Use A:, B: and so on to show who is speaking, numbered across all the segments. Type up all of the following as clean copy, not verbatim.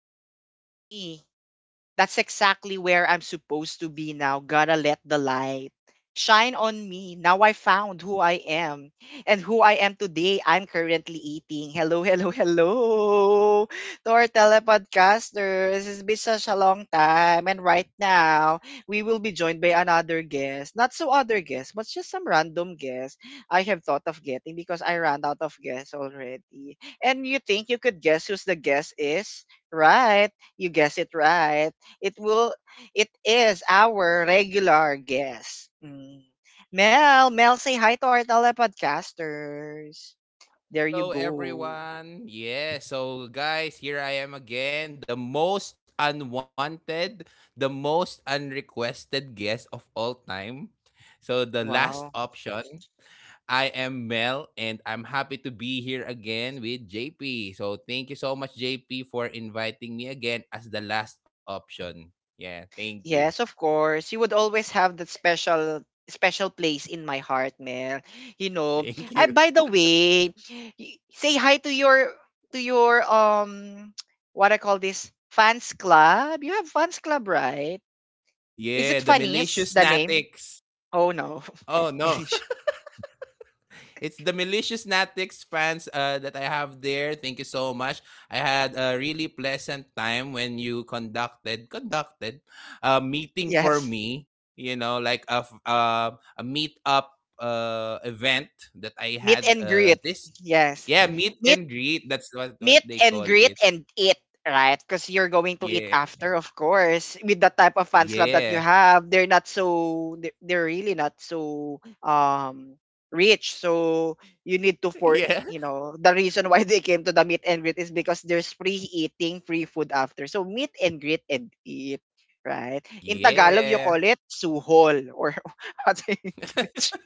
A: real. This is me. That's exactly where I'm supposed to be now. Gotta let the light shine on me. Now I found who I am. And who I am today, I'm currently eating. Hello, hello, hello to our telepodcasters. It's been such a long time. And right now, we will be joined by another guest. Not so other guest, but just some random guest I have thought of getting because I ran out of guests already. And you think you could guess who's the guest is? Right, you guess it right. It will it is our regular guest. Mm. Mel, Mel, say hi to our telepodcasters. There you
B: Hello,
A: go.
B: everyone. Yeah, so guys, here I am again, the most unwanted, the most unrequested guest of all time. So, the last
A: Wow.
B: option, I am Mel, and I'm happy to be here again with JP. So, thank you so much, JP, for inviting me again as the last option. Yeah, thank you.
A: Yes, of course. You would always have that special place in my heart, Mel.
B: Thank you.
A: I, by the way, say hi to your what I call this fans club. You have fans club, right? Is it
B: Yeah, the
A: Fanis
B: malicious
A: the name?
B: natics.
A: Oh no.
B: Oh, no. It's the malicious Natix fans that I have there. Thank you so much. I had a really pleasant time when you conducted a meeting for
A: Yes,
B: me. You know, like a meet up event that I
A: meet
B: had.
A: and greet. Yes.
B: Meet
A: Meet
B: and greet. That's what
A: meet
B: they
A: and
B: call
A: greet
B: it.
A: and eat, right? Because you're going to eat
B: Yeah,
A: after, of course. With the type of fans
B: yeah,
A: club that you have, they're really not so rich. So you need to,
B: yeah,
A: the reason why they came to the meet and greet is because there's free eating, free food after. So meet and greet and eat. Right. In Tagalog, you call
B: yeah.
A: it suhol or other English.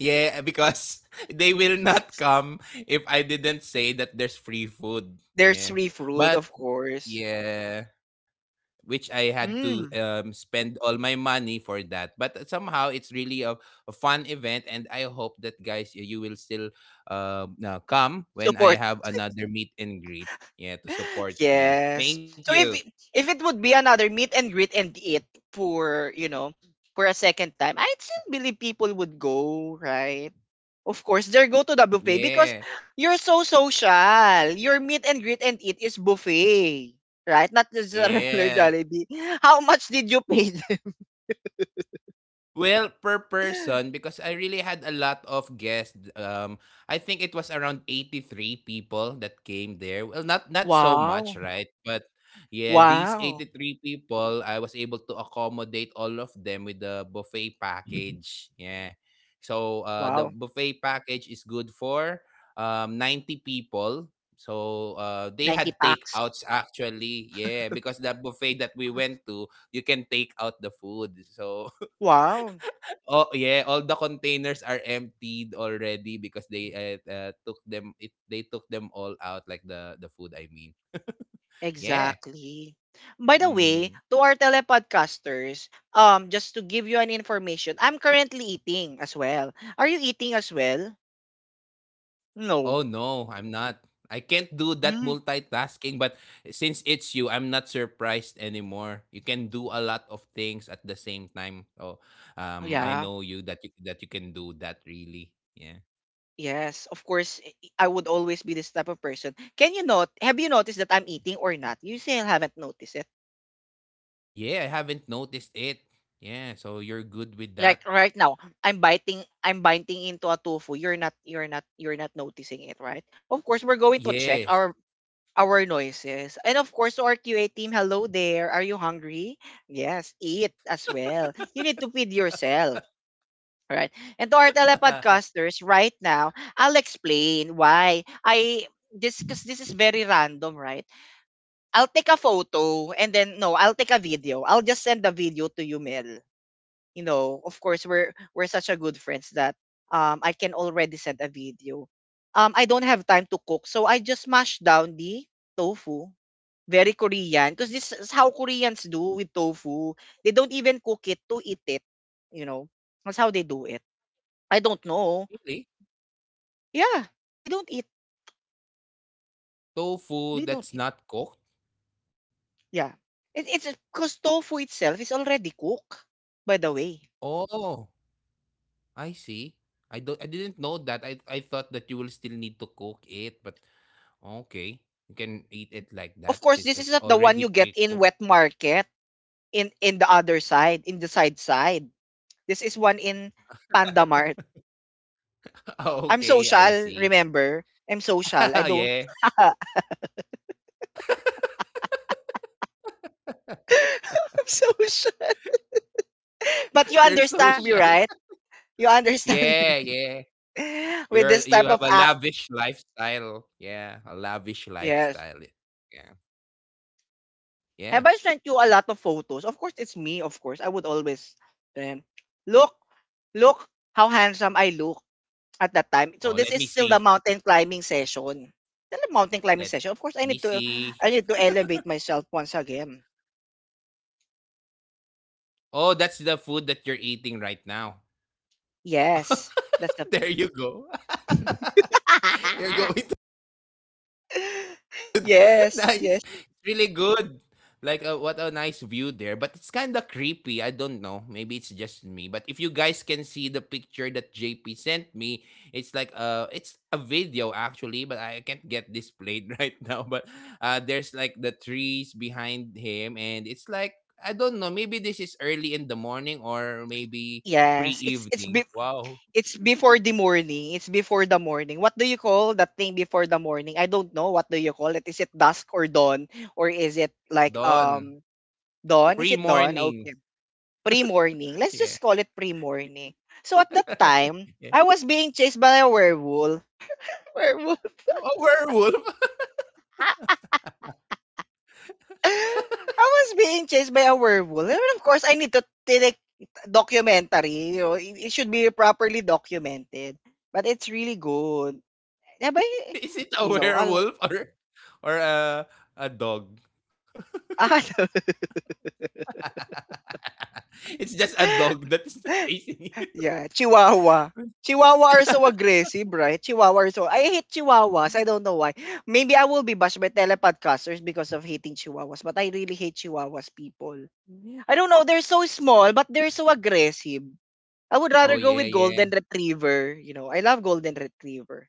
B: Yeah, because they will not come if I didn't say that there's free food.
A: There's
B: Yeah.
A: free fruit,
B: But
A: of course.
B: yeah, which I had to
A: Mm,
B: spend all my money for that. But somehow it's really a fun event, and I hope that, guys, you will still come when I
A: support.
B: have another meet and greet. Yeah, to support me.
A: Yes.
B: Thank
A: So
B: you.
A: if it would be another meet and greet and eat for, you know, for a second time, I still believe people would go, right? Of course, they go to the buffet because
B: Yeah.
A: you're so social. Your meet and greet and eat is buffet, right? Not just a regular
B: Yeah.
A: Jollibee. How much did you pay?
B: Well, per person, because I really had a lot of guests. I think it was around 83 people that came there. Well, not so
A: Wow.
B: much, right? But yeah, these
A: Wow.
B: 83 people, I was able to accommodate all of them with the buffet package. Yeah. So the
A: Wow.
B: buffet package is good for 90 people. So they
A: 90
B: had
A: packs.
B: takeouts actually. Yeah, because the buffet that we went to, you can take out the food. So
A: Wow.
B: oh, yeah, all the containers are emptied already because they took them it they took them all out, like the food, I mean. Yeah.
A: Exactly. By the
B: Mm.
A: way, to our telepodcasters, just to give you an information, I'm currently eating as well. Are you eating as well? No.
B: Oh no, I'm not. I can't do that
A: Mm,
B: multitasking, but since it's you, I'm not surprised anymore. You can do a lot of things at the same time. Oh, I
A: yeah.
B: know you that you can do that really. Yeah.
A: Yes. Of course, I would always be this type of person. Can you not? Have you noticed that I'm eating or not? You still haven't noticed it.
B: Yeah, I haven't noticed it. Yeah, so you're good with
A: Like
B: that.
A: right now, I'm biting. I'm biting into a tofu. You're not. You're not. You're not noticing it, right? Of course, we're going to check our
B: Yes.
A: our noises. And of course, to our QA team, hello there. Are you hungry? Yes, eat as well. You need to feed yourself. Right. And to our telepodcasters right now, I'll explain why I this, because this is very random, right? I'll take a photo and then no, I'll take a video. I'll just send the video to you, Mel. You know, of course we're such a good friends that I can already send a video. I don't have time to cook, so I just mash down the tofu. Very Korean, because this is how Koreans do with tofu. They don't even cook it to eat it, you know, that's how they do it. I don't know.
B: really?
A: Yeah, they don't eat, they don't
B: Tofu
A: eat.
B: that's not cooked?
A: Yeah, it's because tofu itself is already cooked, by the way.
B: Oh, I see. I didn't know that. I thought that you will still need to cook it, but okay. You can eat it like
A: Of course
B: that
A: this is
B: since
A: not the
B: it's
A: one you
B: already
A: get in wet
B: pre-cooked.
A: market, in the other side, in the side. This is one in Panda Mart. I'm
B: okay,
A: social,
B: I see.
A: remember? I'm social. I don't
B: yeah.
A: I'm social. But you
B: You're
A: understand
B: social.
A: me, right? You understand
B: Yeah, yeah.
A: me with this
B: You're,
A: type
B: you
A: of
B: have a
A: act.
B: lavish lifestyle. Yeah, a lavish
A: Yes.
B: lifestyle. Yeah.
A: Have I
B: Yeah.
A: sent you a lot of photos? Of course, it's me. Of course, I would always. Then look, look how handsome I look at that time. So this is
B: Oh,
A: still
B: let
A: the
B: me
A: mountain
B: see.
A: climbing session. Still the mountain climbing session. Of course,
B: Let me see.
A: I need to elevate myself once again.
B: Oh, that's the food that you're eating right now.
A: Yes, that's the
B: There you go. You're going to
A: yes, yes,
B: nice. It's really good. Like what a nice view there, but it's kind of creepy. I don't know. Maybe it's just me. But if you guys can see the picture that JP sent me, it's like it's a video actually, but I can't get this played right now. But there's like the trees behind him, and it's like, I don't know, maybe this is early in the morning or maybe
A: yes.
B: pre-evening. Wow.
A: It's before the morning. It's before the morning. What do you call that thing before the morning? I don't know. What do you call it? Is it dusk or dawn or is it like
B: Dawn.
A: dawn? Is it dawn?
B: Pre-morning.
A: Okay, pre-morning. Let's
B: Yeah.
A: just call it pre-morning. So at that time,
B: yeah.
A: I was being chased by a werewolf. Werewolf.
B: A werewolf?
A: I was being chased by a werewolf. And of course, I need to take documentary. You know, it should be properly documented. But it's really good. Yeah, but,
B: Is it a
A: you know, all,
B: werewolf or a dog?
A: ah,
B: it's just a dog that's chasing you.
A: yeah, Chihuahua. Chihuahua are so aggressive, right? Chihuahua are so I hate Chihuahuas. I don't know why. Maybe I will be bashed by telepodcasters because of hating Chihuahuas. But I really hate Chihuahuas, people. I don't know. They're so small, but they're so aggressive. I would
B: Oh
A: rather go
B: yeah,
A: with
B: yeah,
A: golden retriever. You know, I love golden retriever.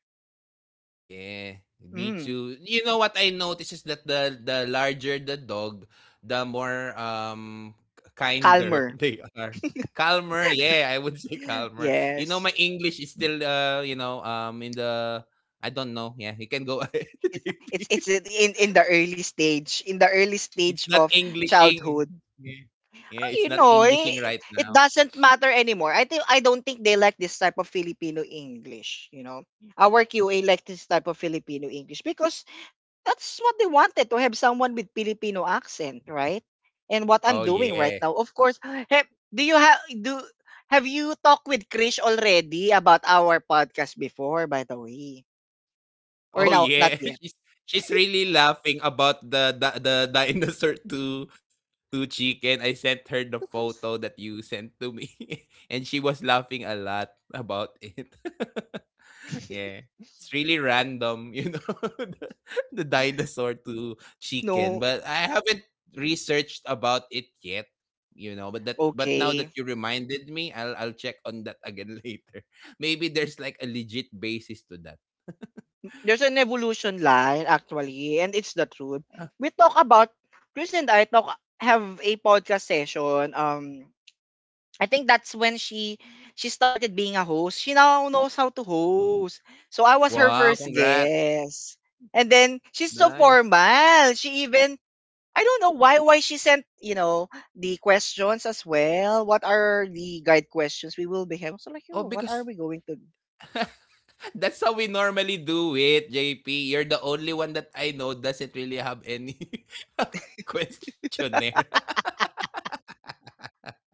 B: yeah. Me
A: Mm,
B: too. You know what I noticed is that the larger the dog, the more kinder
A: calmer.
B: they are. Calmer, yeah, I would say calmer. You know, my
A: Yes.
B: English is still you know, in the, I don't know. Yeah, you can go ahead,
A: It's
B: JP.
A: it's it's in the early stage, in the early
B: It's
A: stage
B: not
A: of
B: Englishing.
A: childhood.
B: Yeah. Yeah, it's
A: You
B: not
A: know,
B: Englishing right
A: it
B: now.
A: doesn't matter anymore. I don't think they like this type of Filipino English, you know. Our QA like this type of Filipino English because that's what they wanted, to have someone with Filipino accent, right? And what
B: Oh,
A: I'm doing right
B: yeah.
A: now, of course, have, do you have do have you talked with Krish already about our podcast before, by the way? Or
B: Oh
A: now not
B: yeah,
A: yet?
B: she's really laughing about the dinosaur to chicken. I sent her the photo that you sent to me, and she was laughing a lot about it. yeah, it's really random, you know, the, the dinosaur to chicken.
A: No.
B: But I haven't researched about it yet, you know. But that but now
A: Okay.
B: that you reminded me, I'll check on that again later. Maybe there's like a legit basis to that.
A: There's an evolution line actually, and it's the truth. We talk about Chris and I talk have a podcast session. I think that's when she started being a host. She now knows how to host. So I was her
B: Wow,
A: first
B: congrats.
A: guest. And then she's so
B: Nice.
A: formal. She even I don't know why she sent, you know, the questions as well. What are the guide questions we will be having? So like,
B: Oh,
A: "Oh, what are
B: because
A: we going to do?
B: that's how we normally do it, JP. You're the only one that I know doesn't really have any questionnaire.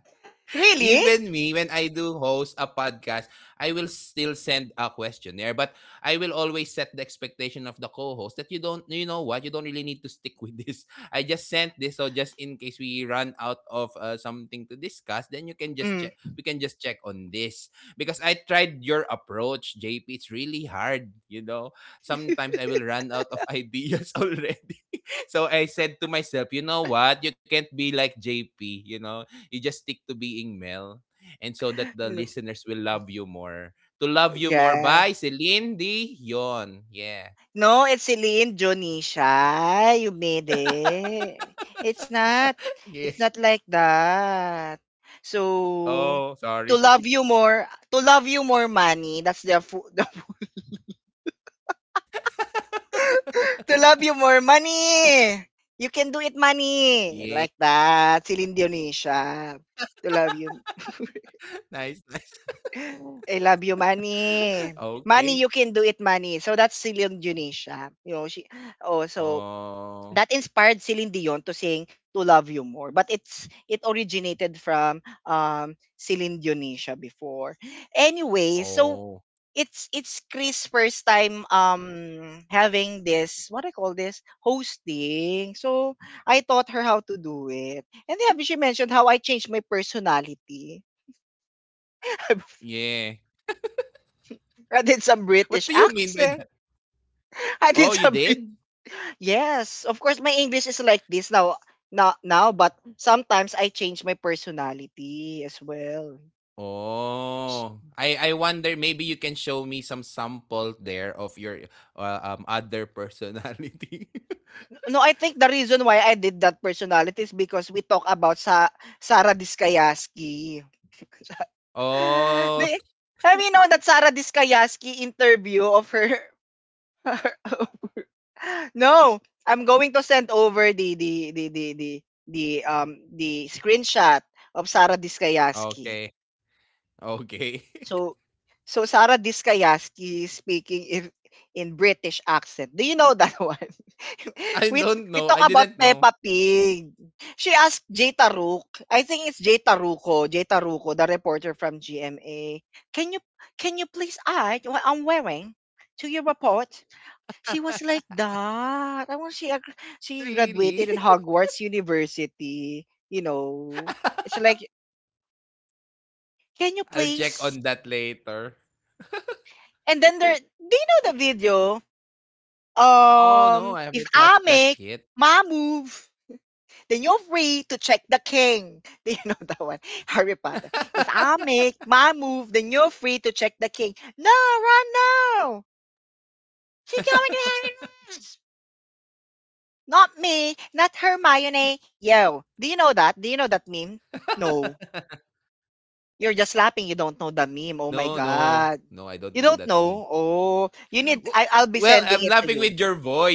B: Even
A: Really?
B: me, when I do host a podcast, I will still send a questionnaire, but I will always set the expectation of the co-host that you don't, you know what, you don't really need to stick with this. I just sent this, so just in case we run out of something to discuss, then you can just
A: Mm.
B: check. We can just check on this because I tried your approach, JP. It's really hard, you know. Sometimes I will run out of ideas already. so I said to myself, you know what? You can't be like JP, you know, you just stick to being Mel and so that the
A: No.
B: listeners will love you more. To Love You More
A: Yeah.
B: by Celine Dion. Yeah.
A: No, it's Celine Dionisha. You made it. It's not.
B: yeah.
A: It's not like that. So,
B: Oh,
A: to
B: sorry.
A: love you more, to love you more, money. That's the, fu- the word. To love you more, money. You can do it,
B: yeah.
A: money. Like that, Celine Dionisha. To love you,
B: Nice, nice.
A: I love you, money.
B: Okay.
A: Money, you can do it, money. So that's Celine Dionisha. You know she. Oh, so
B: Oh.
A: that inspired Celine Dion to sing "To Love You More," but it originated from Celine Dionisha before. Anyway, so
B: Oh.
A: it's Chris' first time having this what I call this hosting. So I taught her how to do it, and then she mentioned how I changed my personality.
B: Yeah.
A: I did some British
B: What do you mean by
A: accent.
B: that?
A: I did
B: Oh, you
A: some
B: did?
A: Yes, of course my English is like this now, but sometimes I change my personality as well. S-
B: Oh. I wonder, maybe you can show me some sample there of your other personality.
A: No, I think the reason why I did that personality is because we talk about sa Sarah Diskayaski. Di-
B: oh,
A: Have you known that Sarah Diskayaski interview of her? No, I'm going to send over the screenshot of Sarah Diskayaski.
B: okay, okay.
A: So Sarah Diskayaski speaking if in British accent. Do you know that one? we
B: I
A: we
B: don't
A: talk
B: know.
A: about
B: I didn't
A: Peppa
B: know.
A: Pig. She asked Jay Taruk. I think it's Jay Taruco, Jay Taruco, the reporter from GMA. Can you can you please add what I'm wearing to your report? She was like that. I was she she
B: Oh,
A: graduated in
B: really?
A: Hogwarts University. You know, it's like, can you
B: I'll check
A: please.
B: on that later.
A: And then there, do you know the video?
B: No, no, I
A: If
B: haven't
A: I
B: watched
A: make
B: that yet.
A: my move, then you're free to check the king. Do you know that one? Harry Potter. If I make my move, then you're free to check the king. No, run now. She's coming to Harry us. Not me, not Hermione. Yo, do you know that? Do you know that meme? No. You're just laughing. You don't know
B: No,
A: the meme. Oh
B: no.
A: my
B: No, I don't
A: God.
B: know that meme.
A: You don't know? Oh,
B: Wo-
A: you need,
B: Well,
A: I'll
B: I'm
A: be
B: laughing
A: sending
B: with
A: it
B: your
A: to you.
B: voice. Yeah.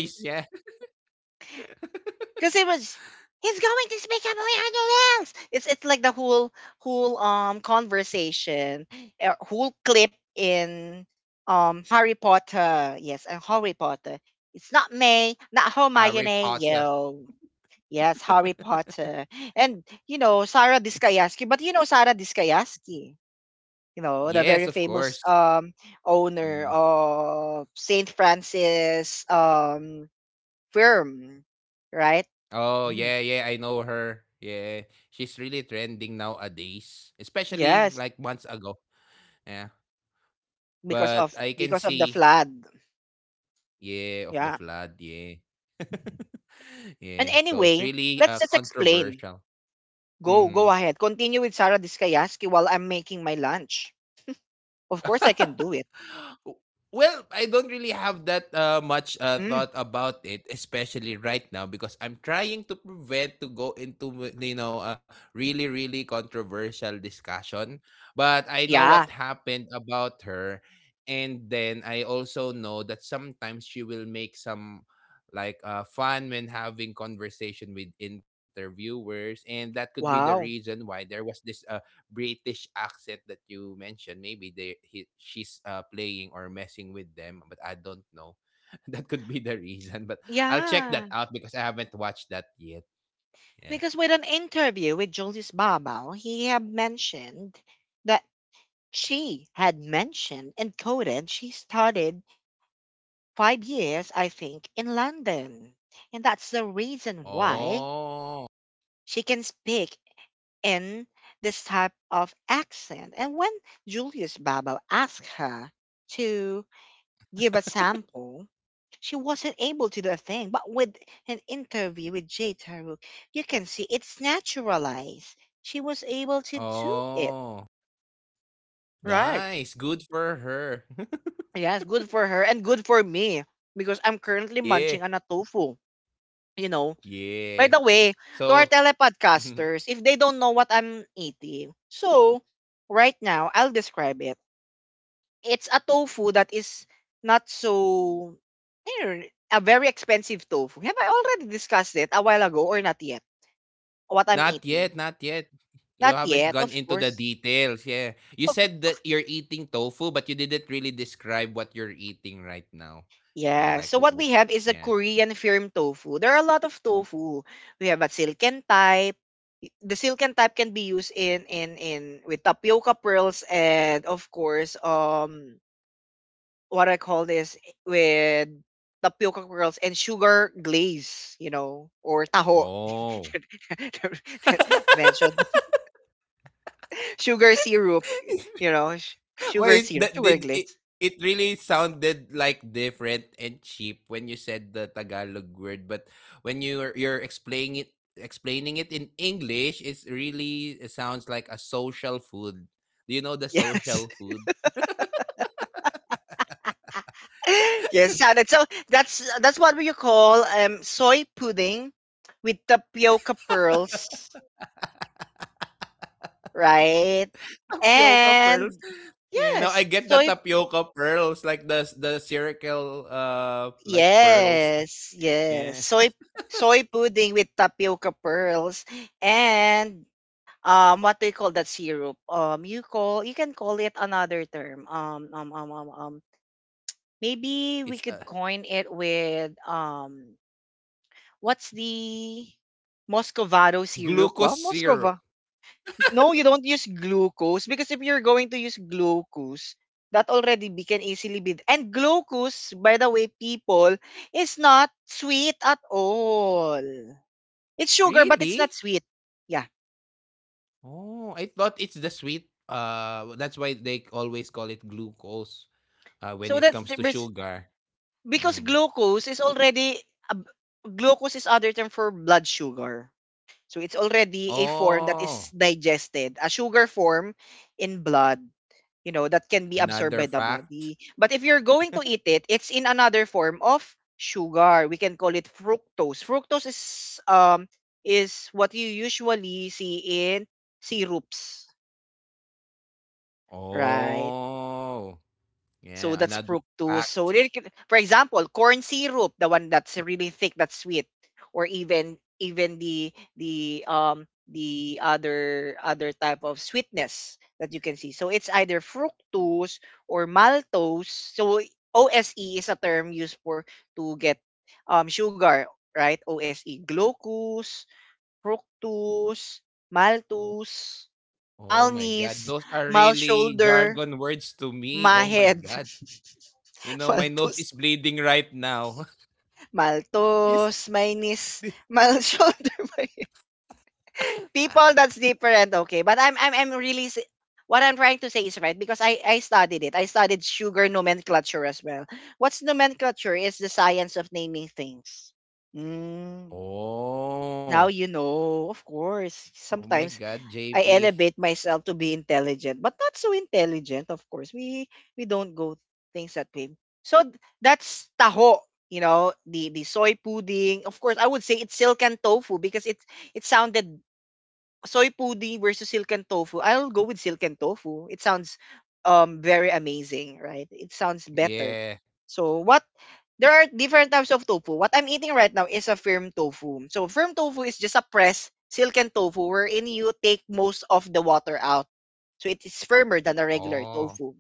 A: Because it was, he's going to speak about Leandro Lance. It's like the whole conversation, whole clip in Harry Potter. Yes, and Harry Potter. It's not May, not
B: Harry
A: Hermione,
B: Potter.
A: yo. Yes, Harry Potter. And you know, Sarah Diskayaski, but you know Sarah Diskayaski, you know, the
B: Yes,
A: very
B: of
A: famous
B: course.
A: owner
B: Mm.
A: of Saint Francis firm, right?
B: Oh,
A: Mhm.
B: yeah, yeah, I know her. Yeah. She's really trending nowadays, especially
A: Yes.
B: like months ago. Yeah. But I can
A: Because of the
B: see,
A: flood.
B: yeah, of the
A: Yeah.
B: flood, yeah.
A: And
B: yeah. So it's
A: anyway,
B: really
A: let's just explain.
B: controversial.
A: Go
B: Hmm.
A: ahead. Continue with Sarah Diskayaski while I'm making my lunch. Of course I can do it.
B: Well, I don't really have that much
A: Mm,
B: thought about it, especially right now, because I'm trying to prevent to go into you know, a really controversial discussion. But I know what
A: yeah.
B: happened about her, and then I also know that sometimes she will make some like fun when having conversation with interviewers, and that could be the
A: Wow.
B: reason why there was this British accent that you mentioned. Maybe they, she's playing or messing with them, but I don't know. That could be the reason, but I'll check that
A: Yeah.
B: out because I haven't watched that yet. Yeah.
A: Because with an interview with Julius Babao, he had mentioned that she had mentioned and coded she started 5 years, I think, in London. And that's the reason why
B: Oh.
A: she can speak in this type of accent. And when Julius Babao asked her to give a sample, she wasn't able to do a thing. But with an interview with Jay Taruk, you can see it's naturalized. She was able to do it.
B: Oh.
A: Right.
B: Nice. Good for her.
A: Yes, good for her and good for me because I'm currently
B: yeah.
A: munching on a tofu. You know, by
B: Yeah.
A: the way, to our
B: So
A: telepodcasters, if they don't know what I'm eating, so right now I'll describe it. It's a tofu that is not so a very expensive tofu. Have I already discussed it a while ago or not yet? What
B: not
A: I'm
B: yet,
A: eating?
B: not yet. You
A: Not
B: haven't gone
A: yet,
B: into
A: of
B: the
A: course.
B: details. Yeah. You said that you're eating tofu, but you didn't really describe what you're eating right now. Yeah,
A: Yeah.
B: like
A: So what we have is a
B: yeah.
A: Korean firm tofu. There are a lot of tofu. We have a silken type. The silken type can be used in with tapioca pearls and of course what I call this with tapioca curls and sugar glaze, you know, or taho
B: Oh.
A: mentioned sugar syrup, you know, sugar
B: Why
A: syrup,
B: that
A: sugar
B: did it,
A: glaze.
B: it really sounded like different and cheap when you said the Tagalog word, but when you're explaining it in English, it's really, it sounds like a social food. Do you know the
A: Yes,
B: social food?
A: yes, salad. So that's what we call soy pudding with tapioca pearls, right?
B: Tapioca pearls.
A: And
B: Yeah, no, I
A: yes,
B: get the
A: soy,
B: tapioca pearls, like the circle, like pearls.
A: yes, yes.
B: Yeah,
A: Soy, soy pudding with tapioca pearls and what do you call that syrup? You call, you can call it another term. Maybe we
B: it's
A: could
B: a
A: coin it with what's the Moscovado syrup?
B: glucose
A: Wow,
B: syrup.
A: Moscova. No, you don't use glucose because if you're going to use glucose, that already be, can easily be. And glucose, by the way, people, is not sweet at all. It's sugar, but it's
B: Really?
A: not sweet. Yeah.
B: Oh, I thought it's the sweet. That's why they always call it glucose. When
A: So
B: it
A: that's
B: comes
A: the
B: to sugar.
A: because
B: Mm.
A: glucose is already a b- glucose is other term for blood sugar. So it's already a form that is
B: Oh,
A: digested, a sugar form in blood. You know, that can be absorbed by
B: another
A: the
B: fact.
A: body. But if you're going to eat it, it's in another form of sugar. We can call it fructose. Fructose um is what you usually see in syrups, right?
B: Oh,
A: So
B: yeah,
A: that's
B: another
A: fructose. So
B: fact.
A: they can, for example, corn syrup, the one that's really thick, that's sweet, or even the other type of sweetness that you can see. So it's either fructose or maltose. So OSE is a term used for to get sugar, right? OSE, glucose, fructose, maltose,
B: Oh my God,
A: malnese,
B: those are
A: mal
B: really
A: shoulder,
B: jargon words to me. Oh my
A: Mahed,
B: God. You know, my nose
A: Maltus,
B: is bleeding right now. Is
A: Maltus, Mainis,
B: thi
A: Mal shoulder, my people that's different, okay. But I'm really what I'm trying to say is right because I studied it. I studied sugar nomenclature as well. What's nomenclature is the science of naming things. Mm,
B: Oh.
A: now you know, of course.
B: Oh my
A: Sometimes
B: God,
A: I
B: JP.
A: elevate myself to be intelligent, but not so intelligent, of course. We don't go things that way. So that's taho, you know, the soy pudding. Of course, I would say it's silken tofu because it sounded soy pudding versus silken tofu. I'll go with silken tofu. It sounds very amazing, right? It sounds better.
B: Yeah.
A: So what there are different types of tofu. What I'm eating right now is a firm tofu. So firm tofu is just a pressed silken tofu wherein you take most of the water out. So it is firmer than a regular
B: Oh,
A: tofu,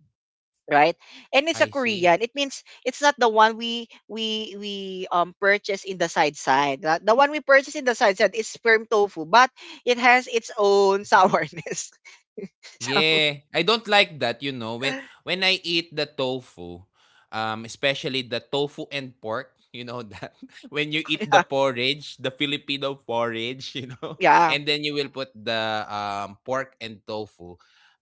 A: right? And it's a
B: I see.
A: Korean. It means it's not the one we purchase in the side side. The one we purchase in the side side is firm tofu, but it has its own sourness. So
B: Yeah, I don't like that, you know, when I eat the tofu, especially the tofu and pork. You know that when you eat
A: yeah,
B: the porridge, the Filipino porridge, you know,
A: yeah,
B: and then you will put the pork and tofu.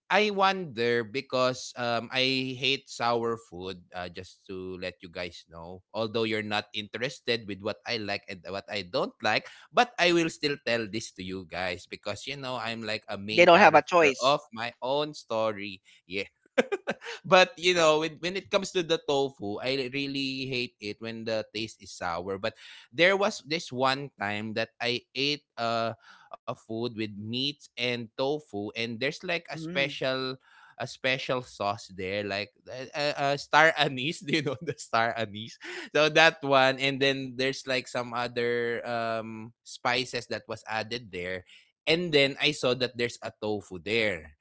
B: I wonder, because I hate sour food, just to let you guys know, although you're not interested with what I like and what I don't like. But I will still tell this to you guys because, you know, I'm like a
A: they
B: main
A: don't have a
B: character
A: choice.
B: of my own story. Yes, but you know, when it comes to the tofu, I really hate it when the taste is sour. But there was this one time that I ate a food with meats and tofu, and there's like a
A: Mm.
B: special sauce there like star anise. do you know the star anise? So that one, and then there's like some other spices that was added there. And then I saw that there's a tofu there.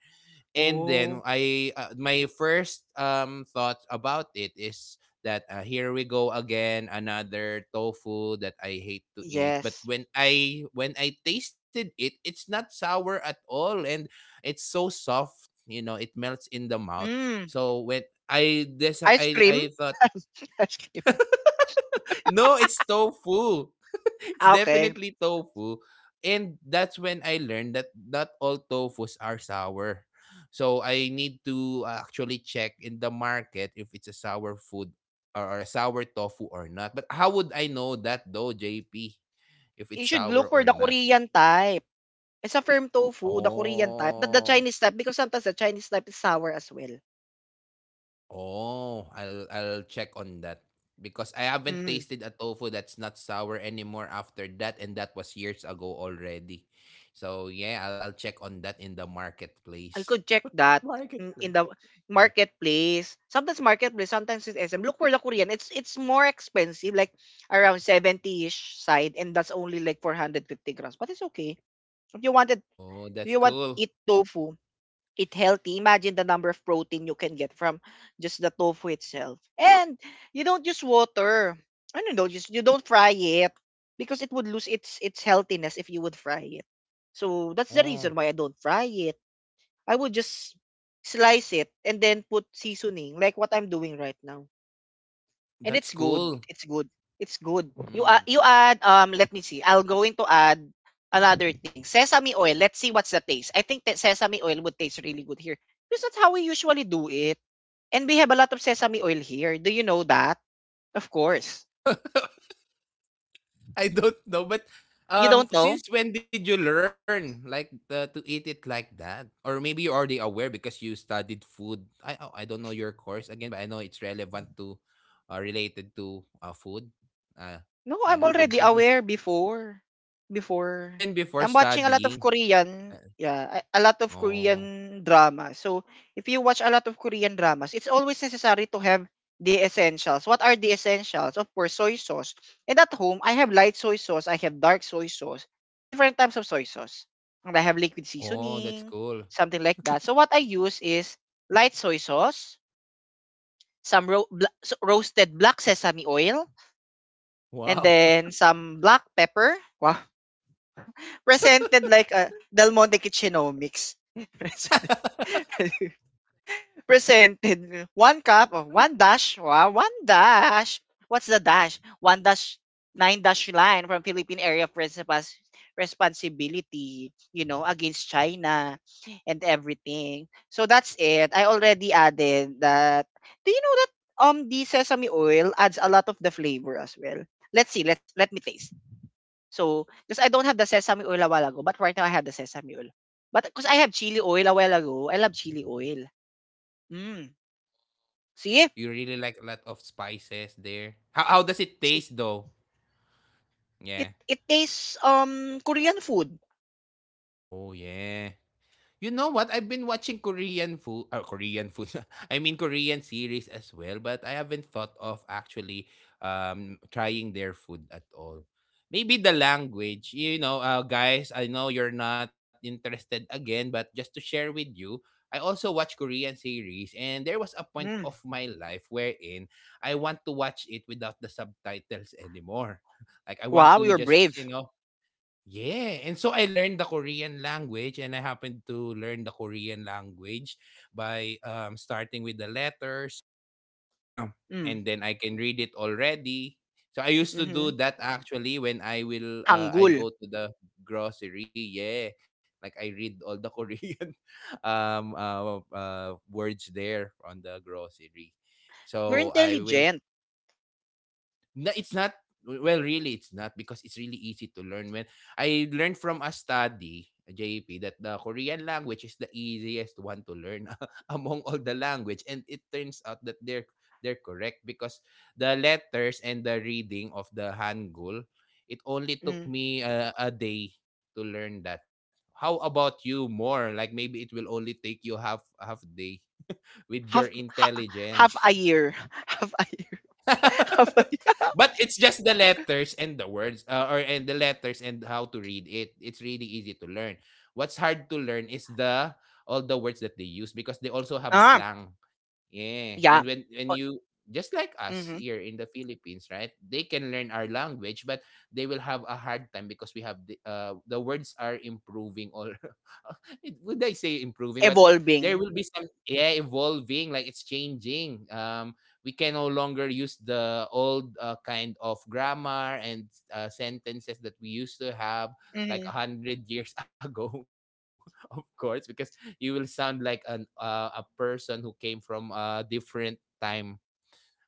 B: And then
A: Oh
B: I my first thought about it is that, here we go again, another tofu that I hate to eat. But
A: yes.
B: when I, when I tasted it, it's not sour at all, and it's so soft, you know, it melts in the mouth.
A: Mm.
B: So when I this
A: Ice cream.
B: I thought
A: Ice cream.
B: no, it's tofu. it's
A: Ah, okay.
B: definitely tofu. And that's when I learned that not all tofus are sour. So I need to actually check in the market if it's a sour food or a sour tofu or not. But how would I know that though, JP? If
A: You
B: it's
A: should
B: sour
A: look for
B: or
A: the
B: not?
A: Korean type. It's a firm tofu, the Korean type, not the
B: Oh.
A: Chinese type, because sometimes the Chinese type is sour as well.
B: Oh, I'll check on that because I haven't
A: Mm.
B: tasted a tofu that's not sour anymore after that, and that was years ago already. So yeah, I'll check on that in the
A: I could
B: marketplace.
A: check that
B: What?
A: in the
B: Yeah.
A: marketplace. Sometimes marketplace, sometimes it's SM. Look for the Korean. It's more expensive, like around 70-ish side, and that's only like 450 grams. But it's okay. If you wanted,
B: Oh, that's
A: if you want
B: cool.
A: eat tofu, it healthy. Imagine the number of protein you can get from just the tofu itself. And you don't use water. I don't know, just you don't fry it because it would lose its healthiness if you would fry it. So that's the reason
B: Oh,
A: why I don't fry it. I would just slice it and then put seasoning like what I'm doing right now. And
B: that's
A: it's good.
B: cool.
A: It's good. It's good. You
B: Mm.
A: you add let me see. I'll going to add another thing. Sesame oil. Let's see what's the taste. I think that sesame oil would taste really good here. Because that's how we usually do it. And we have a lot of sesame oil here. Do you know that? Of course.
B: I don't know, but
A: You don't know?
B: since when did you learn like to eat it like that? Or maybe you're already aware because you studied food. I oh, I don't know your course again, but I know it's relevant to related to food. Uh,
A: No,
B: yeah,
A: I'm
B: I
A: already
B: don't know.
A: aware before. Before.
B: Even before
A: I'm watching a lot of
B: studying.
A: Korean,
B: Uh,
A: yeah, a lot of
B: oh,
A: Korean drama. So, if you watch a lot of Korean dramas, it's always necessary to have the essentials. What are the essentials? Of course, soy sauce. And at home, I have light soy sauce, I have dark soy sauce, different types of soy sauce. And I have liquid
B: oh, that's
A: seasoning,
B: cool.
A: something like that. So, what I use is light soy sauce, some roasted black sesame oil, and
B: Wow.
A: then some black pepper. Wow. Presented like a Del Monte Kitchenomics. presented presented one cup or one dash. Wow, one dash. What's the dash? One dash nine dash line from Philippine Area of Responsibility, you know, against China and everything. So that's it. I already added that. Do you know that the sesame oil adds a lot of the flavor as well? Let's see. Let's let me taste. So, cause I don't have the sesame oil a while ago, but right now I have the sesame oil. But cause I have chili oil a while ago, I love chili oil. Mm. See?
B: you really like a lot of spices there. How does it
A: See?
B: taste though?
A: It
B: Yeah.
A: it tastes Korean food.
B: Oh yeah. You know what? I've been watching Korean food. I mean Korean series as well, but I haven't thought of actually trying their food at all. Maybe the language. You know, guys, I know you're not interested again, but just to share with you, I also watch Korean series and there was a point of
A: Mm.
B: my life wherein I want to watch it without the subtitles anymore. Like I want
A: Wow,
B: to
A: you're
B: just, you
A: brave.
B: know, Yeah, and so I learned the Korean language, and I happened to learn the Korean language by starting with the letters,
A: Mm.
B: and then I can read it already. So I used to
A: Mm-hmm.
B: do that actually when I will I
A: Hangul.
B: go to the grocery. Yeah, like I read all the Korean words there on the grocery.
A: You're
B: So I will
A: intelligent.
B: No, it's not well really it's not because it's really easy to learn when I learned from a study JP that the Korean language is the easiest one to learn among all the language and it turns out that they're correct because the letters and the reading of the Hangul it only took
A: Mm.
B: me a day to learn that how about you more like maybe it will only take you half day with your
A: Half ha, half
B: intelligence
A: a year. Half a year. Half a year.
B: but it's just the letters and the words or and the letters and how to read it it's really easy to learn what's hard to learn is the all the words that they use because they also have
A: Ah,
B: slang Yeah,
A: yeah.
B: and when
A: Oh,
B: you just like us
A: mhm.
B: here in the Philippines, right? They can learn our language, but they will have a hard time because we have the words are improving or it- would I say improving? But there
A: Evolving.
B: will be some yeah evolving, like it's changing. We can no longer use the old kind of grammar and sentences that we used to have
A: Mhm.
B: like a hundred years ago, of course, because you will sound like an a person who came from a different time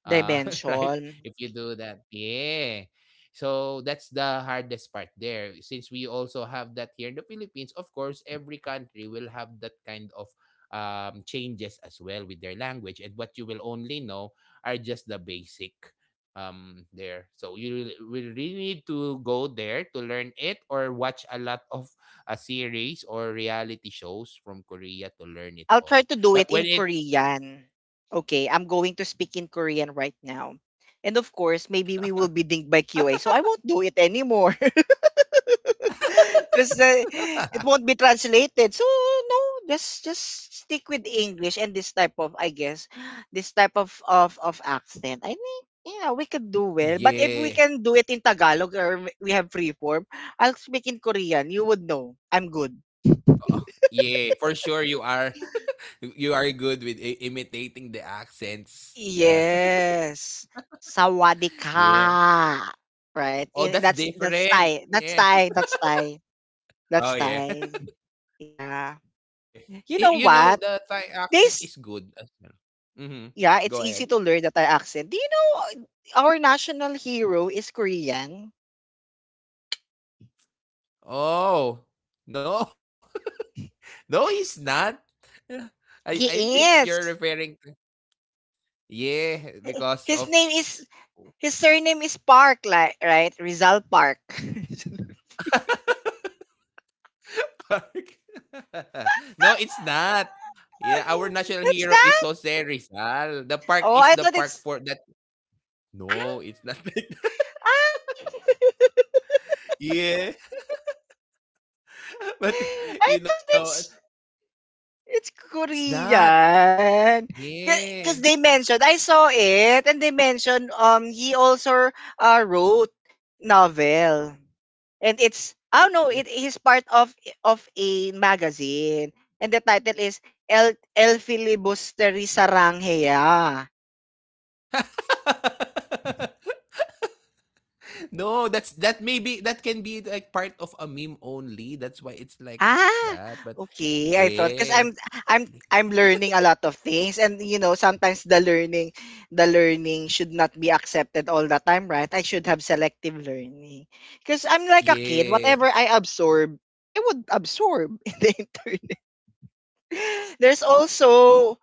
B: uh, right?
A: Dimension.
B: If you do that, yeah. So that's the hardest part there. Since we also have that here in the Philippines, of course, every country will have that kind of changes as well with their language, and what you will only know are just the basic there. So you will really need to go there to learn it or watch a lot of a series or reality shows from Korea to learn it
A: I'll try
B: all.
A: to do
B: But
A: it in
B: when it
A: Korean. Okay, I'm going to speak in Korean right now. And of course, maybe we will be dinged by QA. So I won't do it anymore. Because it won't be translated. So no, just stick with English and this type of, I guess, this type of accent. I think, yeah, we could do well. But if we
B: yeah
A: can do it in Tagalog or we have free form, I'll speak in Korean. You would know. I'm good.
B: Oh, yeah, for sure you are. you are good with imitating the accents. Yeah.
A: Yes.
B: Yeah.
A: Sawadika. Right?
B: Oh, that's
A: That's
B: different.
A: Thai. That's
B: Yeah.
A: Thai. That's Thai. That's
B: Oh, yeah.
A: Thai. Yeah.
B: yeah.
A: You know
B: You know,
A: what?
B: the Thai accent
A: This
B: is good as well. Mm-hmm.
A: yeah, it's
B: Go
A: easy
B: ahead.
A: to learn the Thai accent. Do you know our national hero is Korean?
B: Oh, no. no, he's not. I think
A: He
B: you're
A: is.
B: referring to. Yeah, because of.
A: His name is his surname is Park, like right? Rizal Park.
B: Park. no, it's not. Yeah, our national
A: What's
B: hero is
A: that?
B: Jose Rizal. The park
A: Oh,
B: is
A: I
B: the
A: thought
B: park
A: it's
B: for that.
A: ah,
B: No, it's not like that.
A: ah.
B: Yeah. But,
A: I
B: you
A: thought
B: know,
A: it's
B: it's not.
A: Korean.
B: Yeah.
A: Because they
B: Yeah.
A: mentioned, I saw it, and they mentioned he also wrote novel, and it's I don't know
B: yeah.
A: it is part of a magazine, and the title is El Filibusteri Saranghea.
B: no, that's that maybe that can be like part of a meme only. That's why it's like
A: Ah,
B: that. But
A: okay. I thought
B: yeah.
A: because I'm I'm learning a lot of things, and you know sometimes the learning should not be accepted all the time, right? I should have selective learning because I'm like a kid.
B: Yeah.
A: Whatever I absorb, I would absorb in the internet. There's also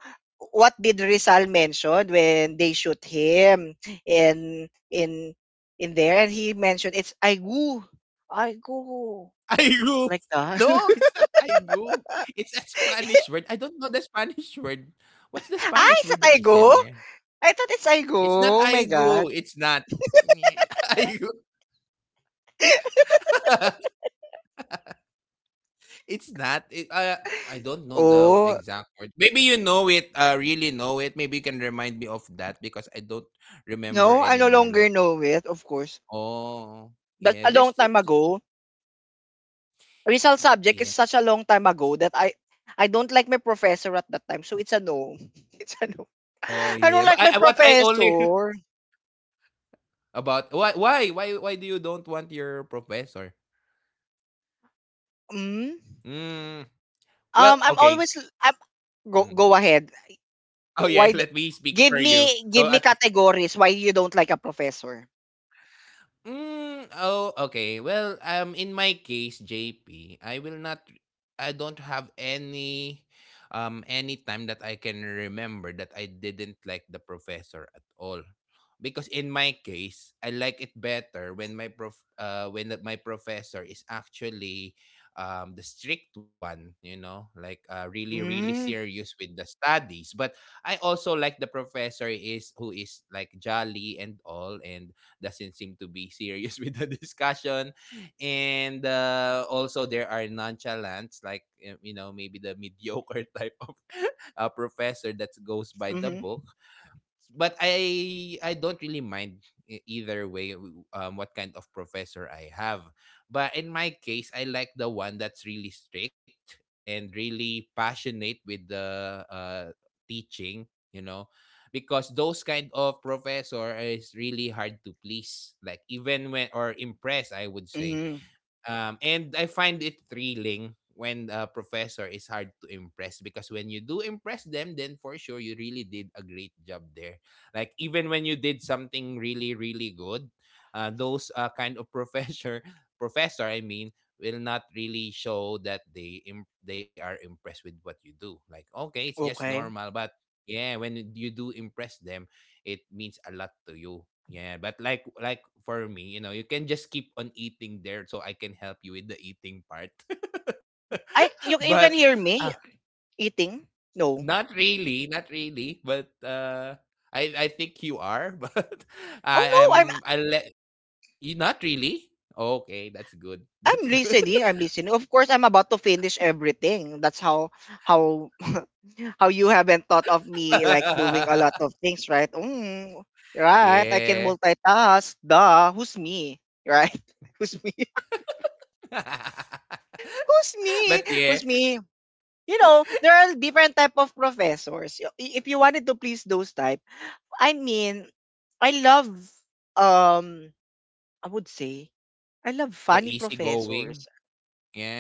A: what did Rizal mention when they shoot him in in in there, and he mentioned it's I go
B: Aigo.
A: like that.
B: No, it's not aigo. It's a Spanish word. I don't know the Spanish word. What's the
A: Ah,
B: Spanish
A: is that
B: word that he
A: Aigo?
B: said there?
A: I thought it's Aigo.
B: It's not
A: Oh my
B: aigo.
A: God.
B: It's not. Yeah, Aigo. it's not. It, I don't know the
A: Oh,
B: exact word. Maybe you know it, really know it. Maybe you can remind me of that because I don't remember
A: no, I no
B: anymore.
A: longer
B: Like,
A: know it, of course.
B: oh,
A: That's
B: yeah,
A: a long
B: there's,
A: time ago. Rizal subject is
B: yeah,
A: such a long time ago that I don't like my professor at that time. So it's a no. It's a no.
B: oh,
A: I don't
B: yeah. But
A: like my
B: I what I only
A: professor.
B: about why do you don't want your professor?
A: Mm?
B: Mm, Well,
A: I'm
B: okay.
A: always I'm, go
B: Mhm.
A: go ahead.
B: Oh yeah,
A: Why do,
B: let me speak for you. So
A: give
B: at
A: me categories why you don't like a professor.
B: Mm, oh, okay. Well, in my case, J P. I will not. I don't have any time that I can remember that I didn't like the professor at all, because in my case, I like it better when my when that my professor is actually, the strict one. You know, like really
A: Mm.
B: serious with the studies. But I also like the professor is who is like jolly and all and doesn't seem to be serious with the discussion. And also, there are nonchalants, like, you know, maybe the mediocre type of professor that goes by the
A: Mm-hmm.
B: book but I don't really mind what kind of professor I have. But in my case, I like the one that's really strict and really passionate with the uh, teaching, you know, because those kind of professor is really hard to please, like even when or impress, I would say
A: Mm-hmm.
B: and I find it thrilling when a professor is hard to impress because when you do impress them, then for sure you really did a great job there. Like even when you did something really good, those kind of professor, professor, I mean, will not really show that they they are impressed with what you do. Like okay, it's just
A: Okay.
B: normal, but yeah, when you do impress them, it means a lot to you. Yeah, but like for me, you know, you can just keep on eating there so I can help you with the eating part.
A: I you you can
B: but
A: hear me
B: uh,
A: eating? No.
B: not really, but I I think you are, but
A: Oh
B: I
A: no,
B: am I let you not really. Okay, that's good.
A: I'm
B: That's good.
A: listening. I'm listening. Of course, I'm about to finish everything. That's how how you haven't thought of me like doing a lot of things, right? Mm, right. I can
B: yeah.
A: multitask. Duh. Who's me? Right? Who's me? Who's me?
B: but
A: Who's
B: yeah,
A: me? You know, there are different type of professors. If you wanted to please those type, I mean, I love um I would say I love funny
B: the
A: professors.
B: easygoing,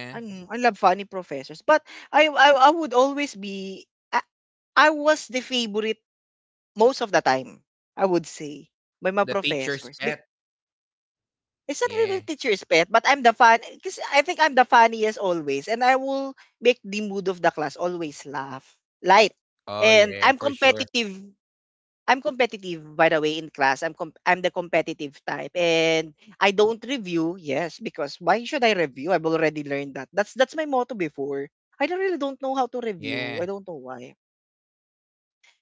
B: yeah.
A: Ano, I love funny professors. But I would always I, I was the favorite most of the time. I would say by my
B: The
A: professors.
B: teacher's
A: Be,
B: pet.
A: it's not really
B: Yeah.
A: teacher's pet, but I'm the fun because I think I'm the funniest always, and I will make the mood of the class always laugh, light,
B: Oh
A: and I'm
B: yeah, for sure.
A: competitive. I'm competitive by the way in class. I'm the competitive type and I don't review. Yes, because why should I review? I've already learned that. That's my motto before. I don't really don't know how to review. I
B: Yeah.
A: don't know why.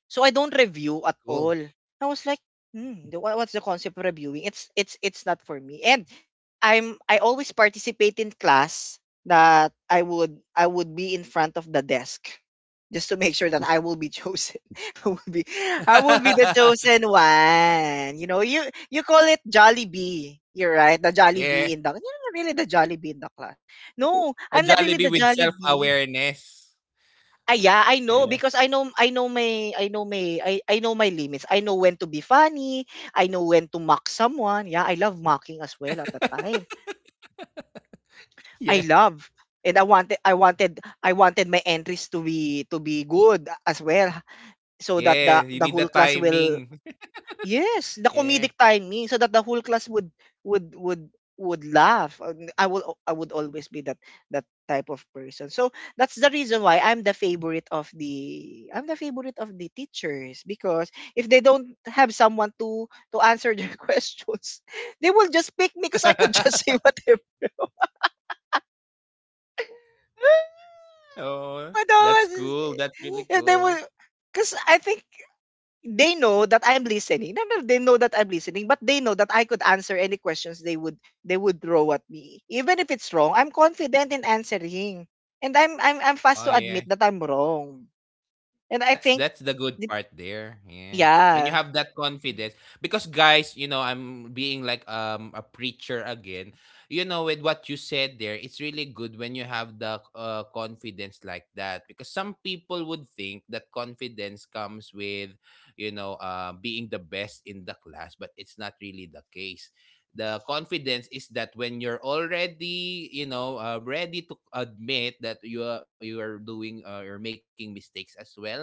A: So I don't review at all.
B: Cool.
A: I was like, what's the concept of reviewing? It's not for me. And I always participate in class that I would be in front of the desk just to make sure that I will be chosen. I will be I will be the chosen one. You know, you call it Jolly Bee. You're right, the Jolly Bee in the
B: yeah.
A: you're not really the Jolly Bee in the class. No, I'm not
B: A
A: really the
B: Jollibee
A: Jolly
B: with
A: Bee.
B: self-awareness.
A: Yeah, I know because
B: Yeah.
A: I know my I know my I know my limits. I know when to be funny. I know when to mock someone. Yeah, I love mocking as well at the time. I
B: Yeah.
A: love and I wanted my entries to be good as well so that the
B: Yeah.
A: the
B: You
A: whole
B: need the
A: class will.
B: timing.
A: Yes, the comedic
B: yeah.
A: timing so that the whole class would would laugh. And I would always be that type of person. So that's the reason why I'm the favorite of the I'm the favorite of the teachers because if they don't have someone to answer their questions, they will just pick me because I could just say whatever.
B: oh,
A: But
B: that's
A: was-
B: cool. That's really
A: if they will,
B: cool.
A: because I think they know that I'm listening. No, no, they know that I'm listening, but they know that I could answer any questions they would throw at me. Even if it's wrong, I'm confident in answering. And I'm fast to
B: Oh,
A: admit that
B: yeah.
A: I'm wrong. And I think
B: That's the
A: the-
B: good part there. Yeah.
A: yeah,
B: When you have that confidence because guys, you know, I'm being like a preacher again. You know, with what you said there, it's really good when you have the confidence like that because some people would think that confidence comes with, you know, being the best in the class, but it's not really the case. The confidence is that when you're already, you know, ready to admit that you are doing you're making mistakes as well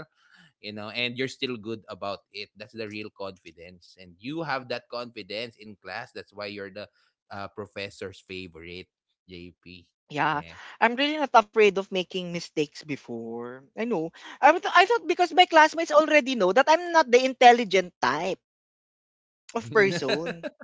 B: you know and you're still good about it that's the real confidence and you have that confidence in class that's why you're the professor's favorite JP
A: yeah.
B: yeah
A: I'm really not afraid of making mistakes before. I know. I thought because my classmates already know that I'm not the intelligent type of person.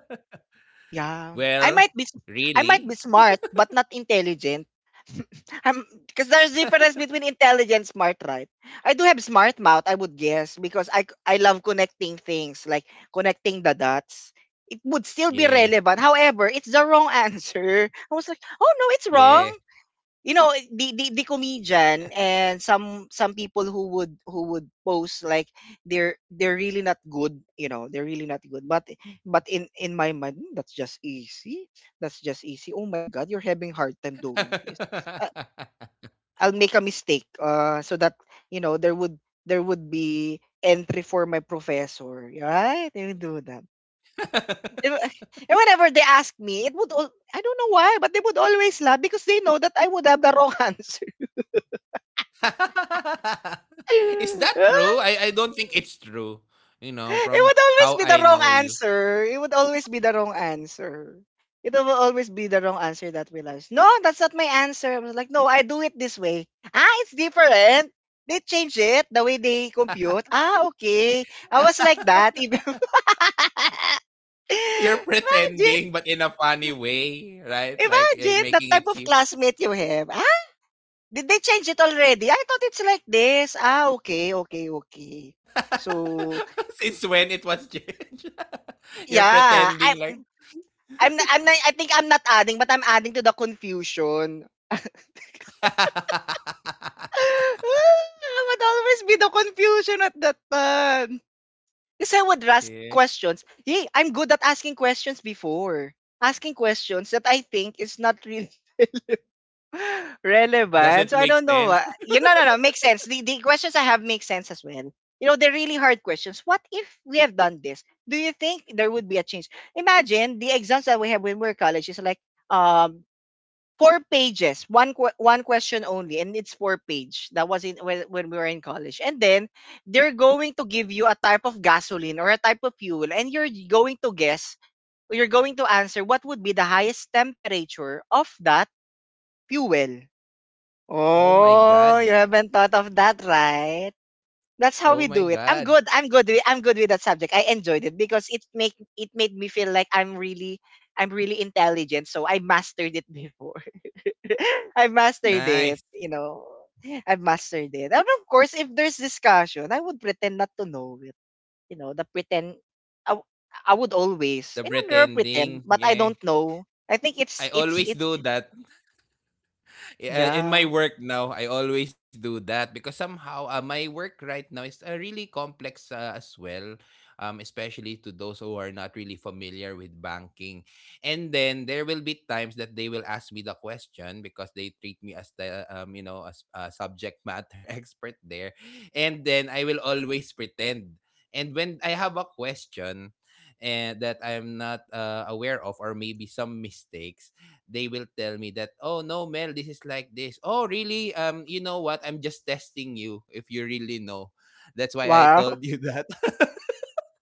A: Yeah.
B: well
A: I might be
B: really
A: smart but not intelligent. I'm because there's difference between intelligent smart, right? I do have smart mouth, I would guess, because I love connecting things, like connecting the dots. It would still be
B: yeah
A: relevant. However, it's the wrong answer. I was like, oh no, it's wrong.
B: yeah
A: You know, the comedian and some people who would post like they're really not good, you know, they're really not good, but in my mind, "Hmm, that's just easy, that's just easy. Oh my god, you're having hard time doing this. uh, I'll make a mistake, so that you know there would be entry for my professor, right? They would do that. And and whenever they ask me, I don't know why, but they would always laugh because they know that I would have the wrong answer.
B: is that true I don't think it's true you know
A: It would
B: from
A: always be
B: how
A: the
B: I
A: wrong
B: know you
A: answer. It would always be the wrong answer. It will always be the wrong answer that we love. No, that's not my answer. I was like, no, I do it this way. Ah, it's different. They change it the way they compute. Ah, okay. I was like that. Even
B: You're
A: imagine,
B: pretending, but in a funny way, right? Like
A: imagine the
B: making
A: type
B: it
A: of
B: seem.
A: classmate you have. Ah, did they change it already? I thought it's like this. Ah, okay, okay, okay. So
B: Since when it was changed? You're
A: yeah, I
B: pretending like.
A: I'm not I'm not I think I'm not adding, but I'm adding to the confusion. I would always be the confusion at that time. Because I would ask
B: yeah.
A: questions. Hey, I'm good at asking questions before. Asking questions that I think is not really
B: Does
A: relevant.
B: it
A: So I
B: make
A: don't know.
B: sense?
A: You know, no, no, makes sense. The questions I have make sense as well. You know, they're really hard questions. What if we have done this? Do you think there would be a change? Imagine the exams that we have when we're college is like, um 4 pages, one question only, and it's 4 page. That was in when we were in college. And then they're going to give you a type of gasoline or a type of fuel, and you're going to guess, or you're going to answer what would be the highest temperature of that fuel.
B: Oh my god.
A: Oh, you haven't thought of that, right? That's
B: Oh
A: how we
B: my
A: do it. I'm
B: god.
A: good. I'm good with that subject. I enjoyed it because it made me feel like I'm really intelligent. So I mastered it before. I've mastered it,
B: Nice.
A: you know. I've mastered it. And of course, if there's discussion, I would pretend not to know it. You know, the pretend I, w- I would always,
B: The
A: you know, never
B: pretending.
A: pretend, but I
B: Yeah.
A: don't know. I think
B: I
A: it's it's
B: always
A: it's
B: do that Yeah, in my
A: yeah.
B: work now, I always do that because somehow my work right now is really complex as well, especially to those who are not really familiar with banking. And then there will be times that they will ask me the question because they treat me as the you know as a subject matter expert there, and then I will always pretend. And when I have a question, and that I'm not aware of, or maybe some mistakes they will tell me that, oh no, Mel, this is like this. Oh, really? You know what? I'm just testing you if you really know. That's why I
A: Wow.
B: told you that.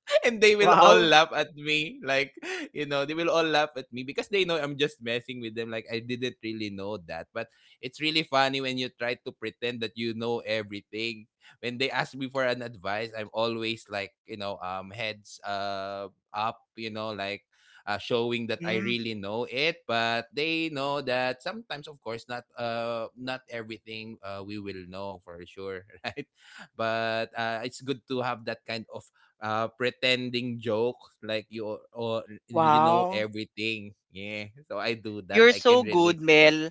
B: And they will all
A: Wow.
B: laugh at me like they will all laugh at me because they know I'm just messing with them, like I didn't really know that. But it's really funny when you try to pretend that you know everything. When they ask me for an advice, I'm always like, heads up, like showing that I
A: Mm,
B: really know it. But they know that sometimes, of course, not everything we will know for sure, right? But it's good to have that kind of pretending jokes, like you or, you know
A: wow.
B: everything. Yeah. So I do that.
A: You're
B: I can
A: so good,
B: relate to that.
A: Mel.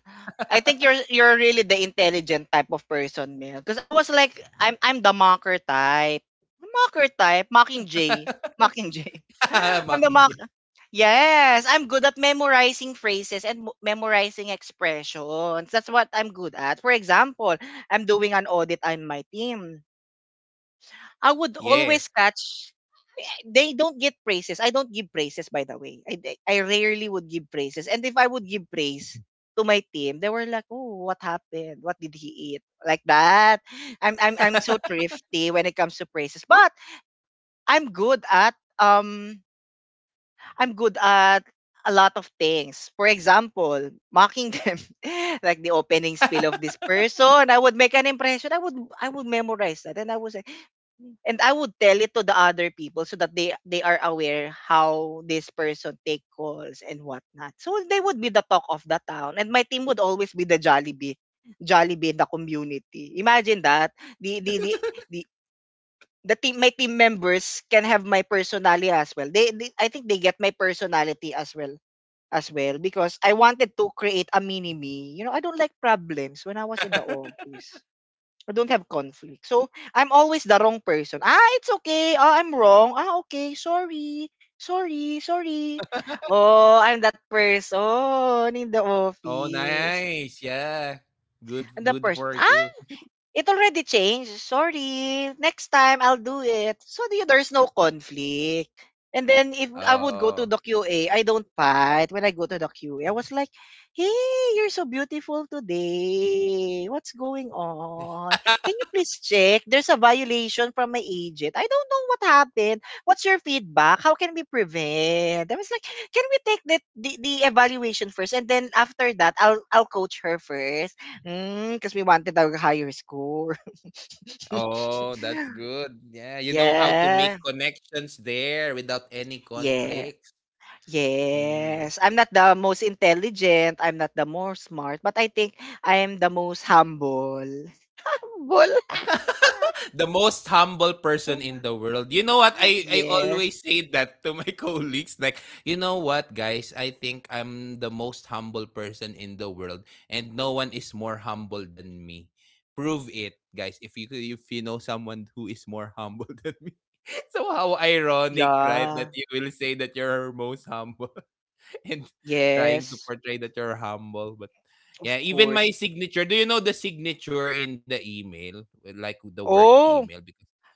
A: I think you're really the intelligent type of person, Mel. Because I was like, I'm the mocker type. Mocker type, mocking J. Mocking J. I'm the.
B: Making.
A: Yes, I'm good at memorizing phrases and memorizing expressions. That's what I'm good at. For example, I'm doing an audit on my team. I would
B: Yeah.
A: always catch they don't get praises. I don't give praises by the way. I rarely would give praises. And if I would give praise to my team, they were like, "Oh, what happened? What did he eat?" Like that. I'm so thrifty when it comes to praises. But I'm good at um I'm good at a lot of things. For example, mocking them, like the opening spiel of this person. I would make an impression. I would memorize that, and I would say, and I would tell it to the other people so that they are aware how this person take calls and whatnot. So they would be the talk of the town, and my team would always be the Jollibee. Jollibee in the community. Imagine that. The the team my team members can have my personality as well. They I think they get my personality as well because I wanted to create a mini me. You know, I don't like problems when I was in the office. I don't have conflict. So I'm always the wrong person. Ah, it's okay. Oh, I'm wrong. Ah, okay. Sorry. Sorry. Sorry. Oh, I'm that person in the
B: Oh,
A: office.
B: nice. Yeah. Good
A: I'm the
B: good for
A: person. Ah,
B: you.
A: it already changed. Sorry. Next time I'll do it. There's no conflict. And then if I would go to
B: Oh.
A: the QA, I don't fight when I go to the QA. I was like, "Hey, you're so beautiful today. What's going on? Can you please check? There's a violation from my agent. I don't know what happened. What's your feedback? How can we prevent?" I was like, "Can we take that the evaluation first and then after that I'll coach her first." Hmm, cause we wanted a higher score.
B: Oh, that's good. Yeah, you know how to make
A: Yeah.
B: connections there without any
A: Yeah.
B: conflicts. Mm.
A: Yes. I'm not the most intelligent, I'm not the most smart, but I think I am the most humble.
B: The most humble person in
A: Humble?
B: the world. You know what? I
A: Yes.
B: always say that to my colleagues, like, you know what, guys? I think I'm the most humble person in the world, and no one is more humble than me. Prove it, guys. If you know someone who is more humble than me. So how ironic, right? That
A: Yeah.
B: you will say that you're most humble. And trying to
A: Yes.
B: portray that you're humble. But yeah,
A: Of
B: even my
A: course.
B: signature. Do you know the signature in the email, like the work email?
A: Oh,
B: Because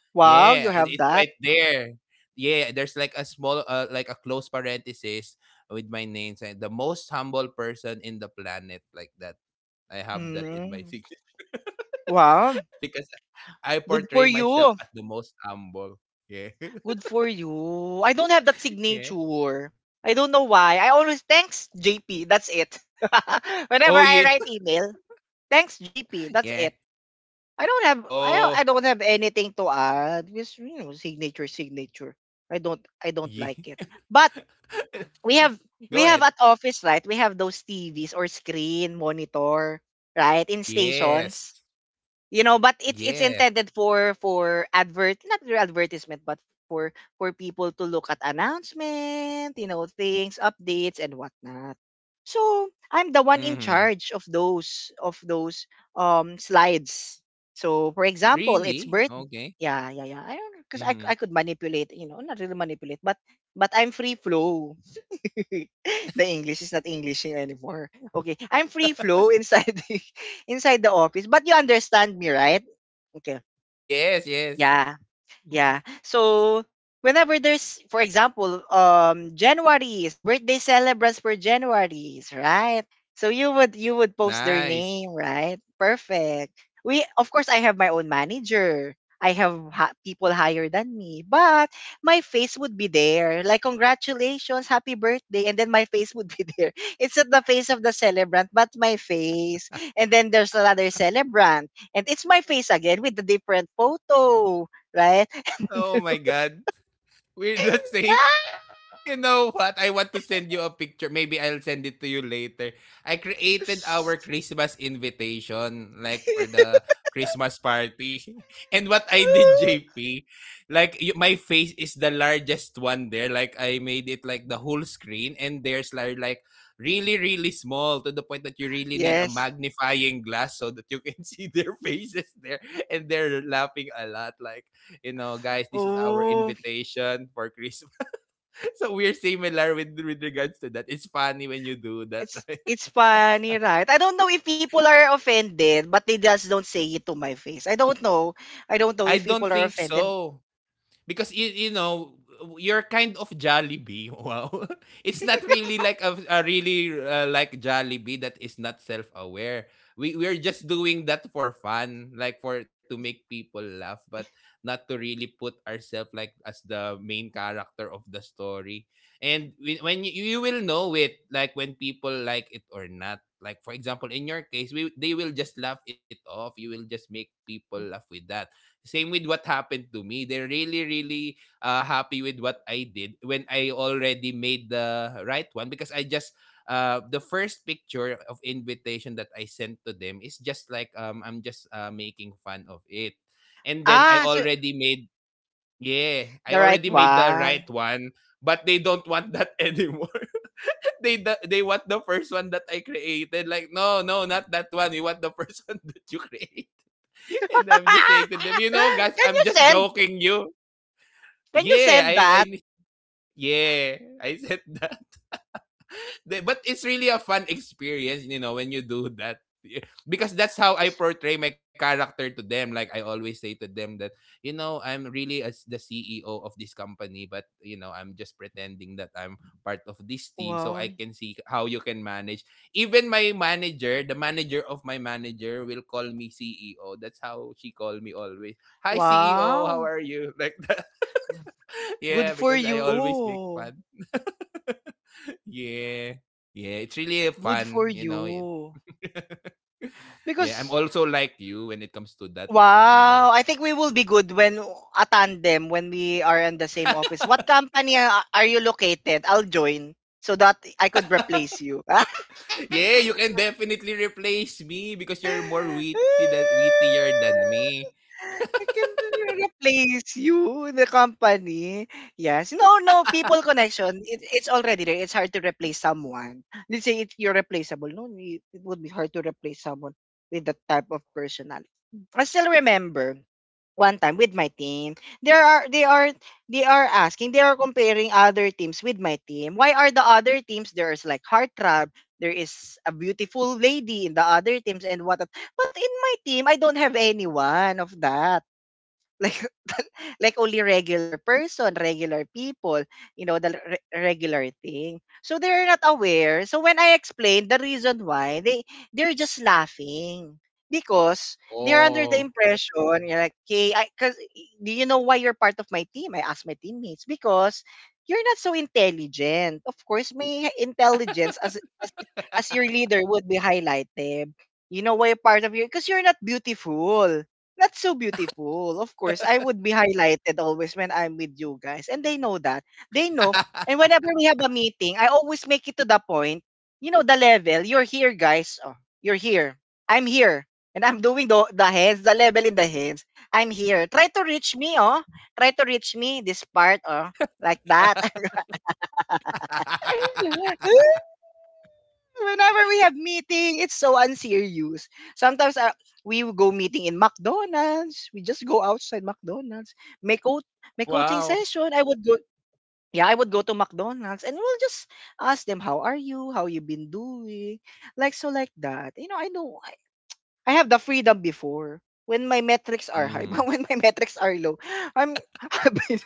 B: yeah,
A: wow,
B: it,
A: you
B: it's
A: have
B: right
A: that.
B: there. Yeah, there's like a small, like a close parenthesis with my name saying the most humble person in the planet, like that. I have that in my
A: Mm.
B: signature
A: Wow.
B: because I
A: Good
B: portray
A: for
B: myself
A: you.
B: as the most humble. Yeah.
A: Good for you. I don't have that
B: Yeah.
A: signature. I don't know why. I always thanks JP. That's it. Whenever
B: Oh
A: I
B: yeah.
A: write email, thanks JP. That's
B: Yeah.
A: it. I don't have I
B: Oh.
A: don't have anything to add. Just you know, signature, signature. I don't
B: Yeah.
A: like it. But we have
B: Go ahead.
A: at office, right? We have those TVs or screen monitor, right? In
B: Yes.
A: stations, you know, but it's
B: Yeah.
A: intended for advert not for advertisement but for for people to look at announcement, you know, things, updates and whatnot. So I'm the one in
B: Mm-hmm.
A: charge of those slides. So for example,
B: Really?
A: it's birth
B: Okay.
A: yeah, yeah, yeah, I don't
B: Mm-hmm.
A: because I could manipulate, you know, not really manipulate, but I'm free flow. The English is not English anymore. Okay, I'm free flow inside inside the office, but you understand me, right? Okay.
B: Yes, yes.
A: Yeah.
B: Mhm.
A: Yeah. So whenever there's, for example, January's birthday celebrants for January's, right? So you would post their
B: Nice.
A: name, right? Perfect. We of course I have my own manager. I have people higher than me, but my face would be there. Like congratulations, happy birthday, and then my face would be there. It's not the face of the celebrant, but my face. And then there's another celebrant, and it's my face again with the different photo, right?
B: Oh my god. We're the same. You know what? I want to send you a picture. Maybe I'll send it to you later. I created our Christmas invitation, like for the Christmas party. And what I did, JP, like my face is the largest one there. Like I made it like the whole screen, and there's like really, really small, to the point that you really need a
A: Yes.
B: magnifying glass so that you can see their faces there. And they're laughing a lot. Like, you know, guys, this is our
A: Oh,
B: invitation for Christmas. So we're similar with regards to that. It's funny when you do that, right?
A: it's funny, right? I don't know if people are offended, but they just don't say it to my face. I don't know. I don't know
B: I
A: if
B: don't
A: people are
B: think
A: offended.
B: so. Because you know, you're kind of Jollibee. Wow, it's not really like a really like Jollibee that is not self-aware. We're just doing that for fun, like for to make people laugh, but not to really put ourselves like as the main character of the story. And when you will know it, like when people like it or not. Like for example, in your case, we they will just laugh it off. You will just make people laugh with that. Same with what happened to me. They're really, really happy with what I did when I already made the right one. Because I just the first picture of invitation that I sent to them is just like I'm just making fun of it. And then I
A: Ah, so
B: already made, yeah, I
A: the right
B: already made the right
A: one.
B: one, but they don't want that anymore. They they want the first one that I created. Like, no, no, not that one. We want the first one that you created. And I'm just saying to them, you know,
A: Can
B: guys, I'm
A: you
B: just
A: send?
B: joking you.
A: Can you
B: Yeah,
A: send that?
B: I, yeah, I said that. But it's really a fun experience, you know, when you do that. Because that's how I portray my character to them. Like I always say to them that, you know, I'm really as the CEO of this company, but you know, I'm just pretending that I'm part of this team so I
A: Wow.
B: can see how you can manage. Even my manager, the manager of my manager will call me CEO. That's how she called me always. Hi CEO, how
A: Wow.
B: are you? Like that.
A: Good
B: Yeah,
A: for
B: because I always make
A: you.
B: fun. Yeah. Yeah, it's really a
A: Good
B: fun,
A: for
B: you know.
A: you.
B: Yeah, I'm
A: Because
B: also like you when it comes to that, you know.
A: wow, I think we will be good when a tandem when we are in the same office. What company are you located? I'll join so that I could replace you.
B: Yeah, you can definitely replace me because you're more witty than wittier than me.
A: I can really replace you in the company. Yes. No, no, people connection. It's already there. It's hard to replace someone. Let's say it's you're replaceable. No, it would be hard to replace someone with that type of personality. I still remember one time with my team. There are they are they are asking, they are comparing other teams with my team. Why are the other teams there's like heartthrob, there is a beautiful lady in the other teams and what but in my team, I don't have anyone of that. Like like only regular person, regular people, you know, the regular thing. So they're not aware. So when I explained the reason why, they they're just laughing because they're under
B: Oh.
A: the impression you're like, okay, I, cause do you know why you're part of my team? I asked my teammates because you're not so intelligent. Of course, may intelligence as your leader would be highlighted. You know why you're part of you because you're not beautiful. That's so beautiful. Of course, I would be highlighted always when I'm with you guys. And they know that. They know. And whenever we have a meeting, I always make it to the point. You know, the level. You're here, guys. Oh, you're here. I'm here. And I'm doing the hands, the level in the hands. I'm here. Try to reach me, oh. Try to reach me, this part, oh. Like that. Whenever we have meeting, it's so unserious. Sometimes we will go meeting in McDonald's. We just go outside McDonald's. May coach, may coaching
B: Wow.
A: session. I would go. Yeah, I would go to McDonald's and we'll just ask them how are you, how you been doing, like so like that. You know, I have the freedom before when my metrics are high, but
B: Hmm.
A: when my metrics are low, I'm happy.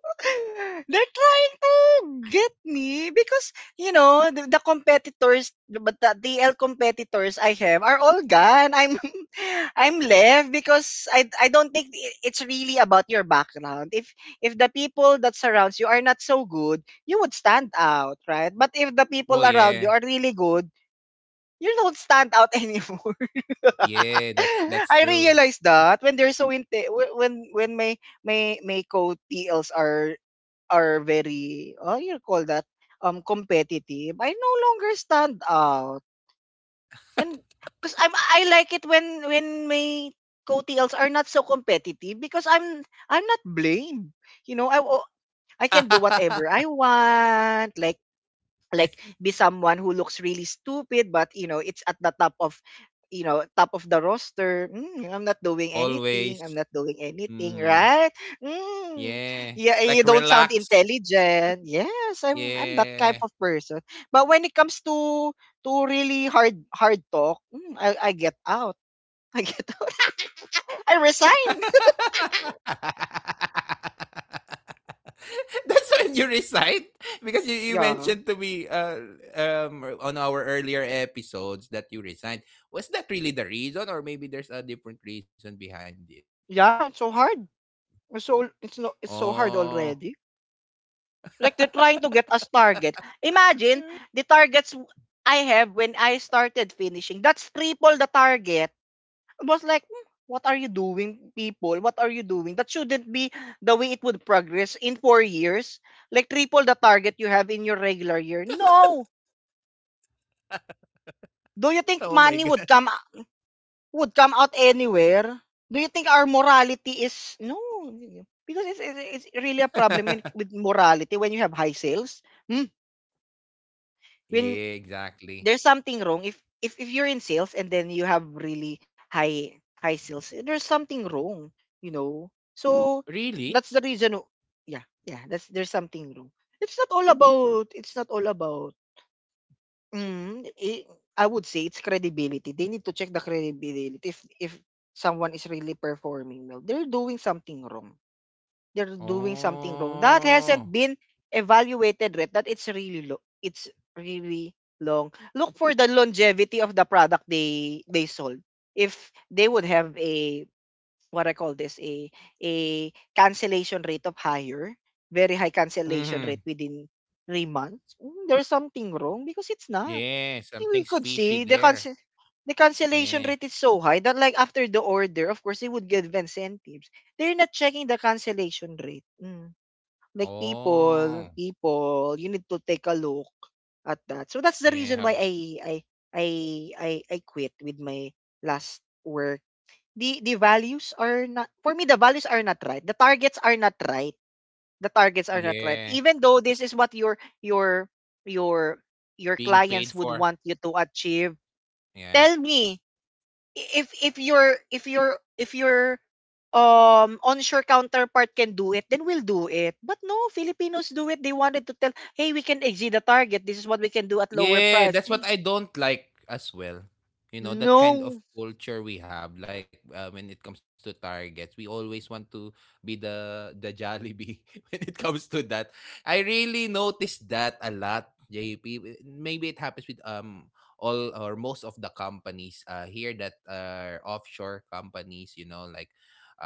A: They're trying to get me because you know the competitors, but the DL competitors I have are all gone. I'm I'm left because I don't think it's really about your background. If the people that surrounds you are not so good, you would stand out, right? But if the people
B: Oh
A: around you
B: yeah.
A: are really good, you don't stand out anymore.
B: Yeah,
A: I
B: that's true.
A: realized that when they're so when my co TLs are very, oh, you call that competitive, I no longer stand out. And because I like it when my co-TLs are not so competitive because I'm not blamed. You know, I oh, I can do whatever I want. Like be someone who looks really stupid but you know it's at the top of you know top of the roster mm, i'm not doing
B: Always.
A: anything i'm not doing anything
B: Mm,
A: right mm.
B: yeah.
A: Yeah and you
B: Like
A: don't sound
B: relax.
A: intelligent yes I'm that type
B: Yeah.
A: of person but when it comes to really hard hard talk mm, I get out. I get out. I resign.
B: That's when you recite? Because you mentioned
A: Yeah.
B: to me on our earlier episodes that you resigned. Was that really the reason, or maybe there's a different reason behind it? Like,
A: Yeah it's so hard. It's so it's no It's so hard
B: oh.
A: already. Like they're trying to get us target. Imagine the targets I have when I started finishing. That's triple the target. I was like, "Hmm, what are you doing, people? What are you doing? That shouldn't be the way it would progress in four years. Like triple the target you have in your regular year. No. Do you think
B: Oh my
A: money
B: god.
A: would come out anywhere? Do you think our morality is no? Because it's really a problem in, with morality when you have high sales. Hmm? When
B: Yeah, exactly.
A: there's something wrong if if you're in sales and then you have really high sales there's something wrong, you know. So
B: Really?
A: that's the reason yeah. That's there's something wrong. It's not all about mm, I would say it's credibility. They need to check the credibility if someone is really performing well they're doing something wrong. That hasn't
B: Oh,
A: been evaluated yet. That it's really it's really long. Look for the longevity of the product they sold. If they would have a what I call this a cancellation rate of higher, very high cancellation
B: mm-hmm.
A: rate within three months, mm, there's something wrong because it's not.
B: Yeah,
A: We
B: something's
A: could
B: fishy
A: see
B: there.
A: the cancellation
B: Yeah.
A: rate is so high that like after the order, of course, they would give incentives. They're not checking the cancellation rate. Mm. Like people,
B: Oh,
A: people, you need to take a look at that. So that's the
B: yeah.
A: reason
B: Have,
A: why I I I quit with my last work. The values are not for me. The values are not right. The targets are not right.
B: yeah.
A: Even though this is what your your
B: Being
A: clients
B: paid
A: would
B: for.
A: want you to achieve,
B: Yeah.
A: tell me if your if your if your onshore counterpart can do it then we'll do it, but no Filipinos do it. They wanted to tell, hey, we can exceed the target, this is what we can do at lower
B: Yeah,
A: price.
B: that's what I don't like as well. You know, that kind of
A: No.
B: culture we have. Like when it comes to targets, we always want to be the Jollibee when it comes to that. I really noticed that a lot, JP. Maybe it happens with all or most of the companies here that are offshore companies, you know, like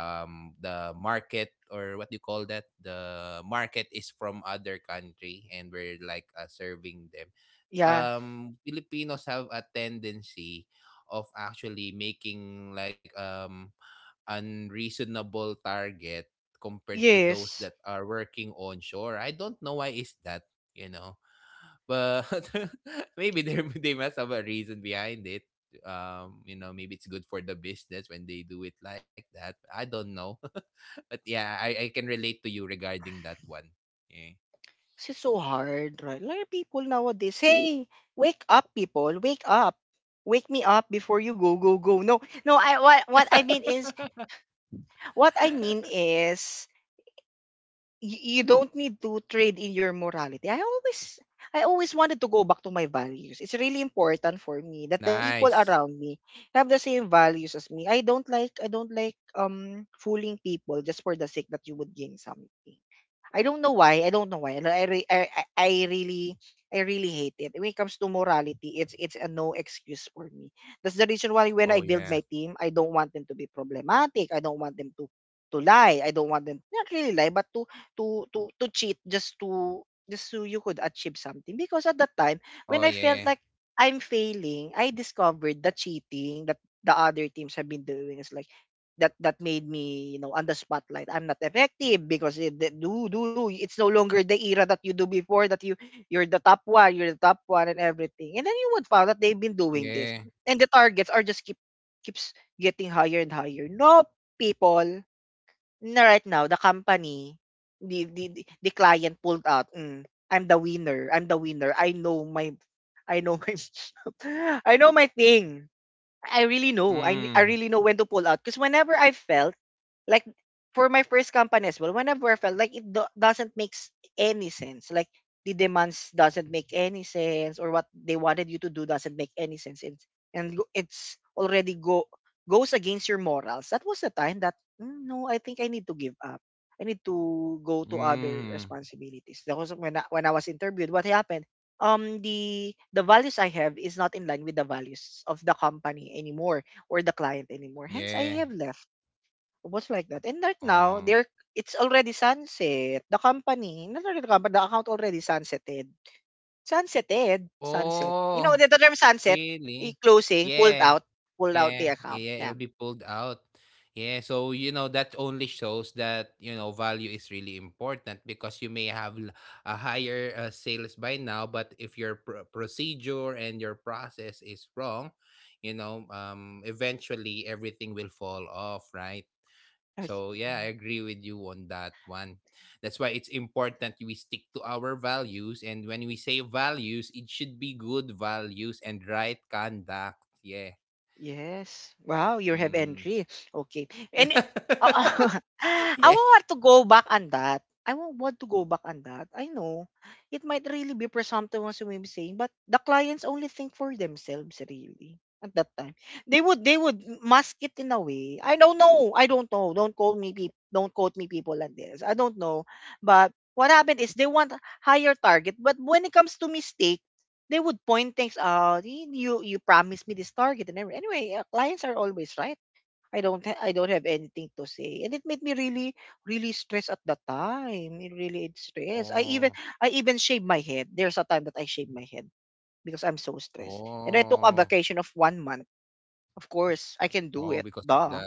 B: the market or what do you call that, the market is from other country and we're like serving them.
A: Yeah.
B: Filipinos have a tendency of actually making like unreasonable target compared to those that
A: Yes.
B: are working on shore. I don't know why is that, you know. But maybe they must have a reason behind it. You know, maybe it's good for the business when they do it like that. I don't know. But yeah, I can relate to you regarding that one.
A: 'Cause it's so hard, right? Like people nowadays, hey, wake up, people, wake up, wake me up before you go, go, go. No, no. I
B: Yeah.
A: what I mean is what I mean is you, you don't need to trade in your morality. I always wanted to go back to my values. It's really important for me that the people
B: Nice.
A: around me have the same values as me. I don't like fooling people just for the sake that you would gain something. I don't know why. I don't know why. I really hate it. When it comes to morality, it's a no excuse for me. That's the reason why when
B: Oh
A: I build
B: yeah.
A: my team, I don't want them to be problematic. I don't want them to lie. I don't want them not really lie, but to to cheat just to just so you could achieve something. Because at that time,
B: Oh,
A: when I felt
B: yeah.
A: like I'm failing, I discovered the cheating that the other teams have been doing is like that made me you know on the spotlight. I'm not effective because it, the- do do do it's no longer the era that you do before that you're the top one. And everything, and then you would find that they've been doing this
B: Yeah.
A: and the targets are just keeps getting higher and higher. No, people, na, right now the company the client pulled out mm, I'm the winner. I know my I know my thing. I really know. I
B: Mm.
A: really know when to pull out. Because whenever I felt like for my first company as well, whenever I felt like it doesn't make any sense. Like the demands doesn't make any sense, or what they wanted you to do doesn't make any sense. It's, and go- it's already go goes against your morals. That was the time that "Mm, no, I think I need to give up. I need to go to other
B: Mhm.
A: responsibilities. That was when I was interviewed. What happened? The values I have is not in line with the values of the company anymore or the client anymore. Hence,
B: Yeah.
A: I have left. Was like that, and right now,
B: Oh.
A: they're it's already sunset. The company, not really the company, the account already sunsetted. Sunsetted, sunset. You
B: Oh,
A: know the term sunset, I-
B: really?
A: closing,
B: Yeah.
A: pulled out
B: Yeah.
A: the account.
B: Yeah,
A: Yeah.
B: it'll be pulled out. Yeah, so you know that only shows that you know value is really important. Because you may have a higher sales by now, but if your procedure and your process is wrong, you know, eventually everything will fall off, right?
A: Ay,
B: So yeah, I
A: mm.
B: agree with you on that one. That's why it's important we stick to our values, and when we say values, it should be good values and right conduct. Yeah.
A: Yes. Wow, you have
B: Mm.
A: entry. Okay. And oh, I
B: Yeah.
A: want to go back on that. I won't want to go back on that. I know it might really be presumptive what I'm saying, but the clients only think for themselves really at that time. They would mask it in a way. I don't know. I don't know. Don't quote me people. Don't quote me people like this. I don't know. But what happened is they want higher target, but when it comes to mistake, they would point things out. You you promised me this target and everything. Anyway, clients are always right. I don't have anything to say, and it made me really really stressed at the time. It really it stressed. I even
B: Oh.
A: I even shaved my head. There's a time that I shaved my head because I'm so stressed, and I took a
B: Oh.
A: vacation of one month. Of course, I can do it.
B: Oh, because of
A: Duh.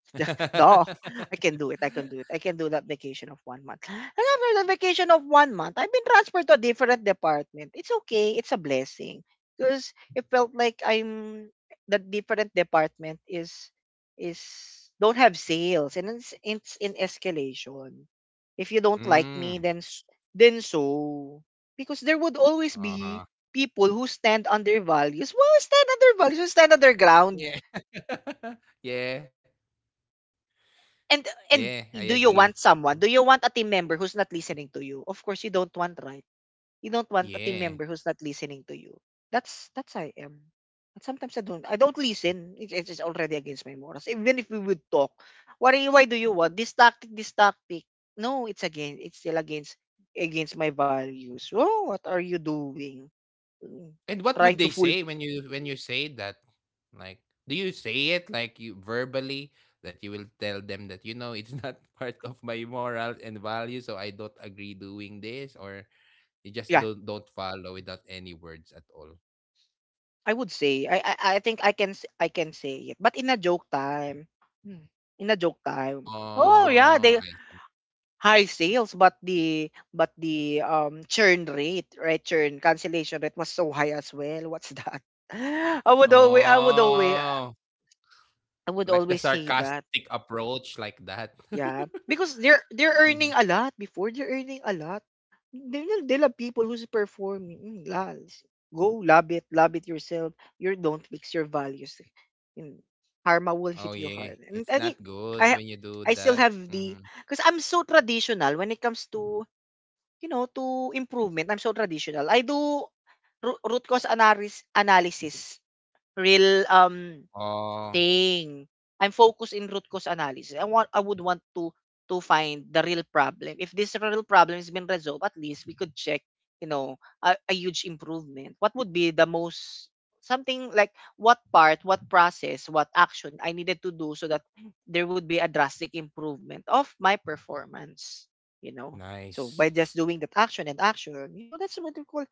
B: that.
A: Duh, I can do it. I can do it. I can do that vacation of one month. And after the vacation of one month, I've been transferred to a different department. It's okay. It's a blessing because it felt like I'm the different department is don't have sales, and it's in escalation. If you don't like me,
B: Mm.
A: then so, because there would always be
B: Uh-huh.
A: people who stand on their values. Well, stand on their values, who stand on their ground.
B: Yeah. Yeah.
A: And
B: Yeah, I
A: and
B: agree
A: do
B: with.
A: you want someone? Do you want a team member who's not listening to you? Of course you don't want, right? You don't want a team
B: Yeah.
A: member who's not listening to you. That's I am. But sometimes I don't
B: Mhm.
A: listen. It's already against my morals. Even if we would talk, why do you want this tactic? This tactic? No, it's against. It's still against my values. Oh, what are you doing? Mm,
B: And what
A: Trying
B: would
A: to
B: they
A: fool.
B: say when you say that? Like, do you say it like you verbally that you will tell them that you know it's not part of my morals and values, so I don't agree doing this, or you just
A: Yeah,
B: don't follow without any words at all?
A: I would say I think I can say it, but in a joke time. Hmm. In a joke time. Oh yeah,
B: Oh,
A: they
B: I
A: high sales, but the churn rate, right? Churn cancellation rate was so high as well. What's that? I would always I would always
B: oh,
A: I would
B: like the
A: always say that.
B: sarcastic approach like that.
A: Yeah, because they're
B: Hmm.
A: earning a lot. Before, they're earning a lot. They love people who's performing. Go love it yourself. You don't fix your values. Mm, Karma will
B: Oh
A: hit you
B: yeah,
A: hard. And
B: it's
A: I
B: not
A: think
B: good
A: I
B: when
A: ha-
B: you do
A: I
B: that.
A: still have
B: Hmm.
A: the, because I'm so traditional when it comes to you know to improvement. I'm so traditional. I do root cause analysis real
B: Oh,
A: thing. I'm focused in root cause analysis. I would want to find the real problem. If this real problem has been resolved, at least we could check, you know, a huge improvement. What would be the most, something like, what part, what process, what action I needed to do so that there would be a drastic improvement of my performance, you know. So by
B: nice.
A: just doing that action and action, you know, that's what we call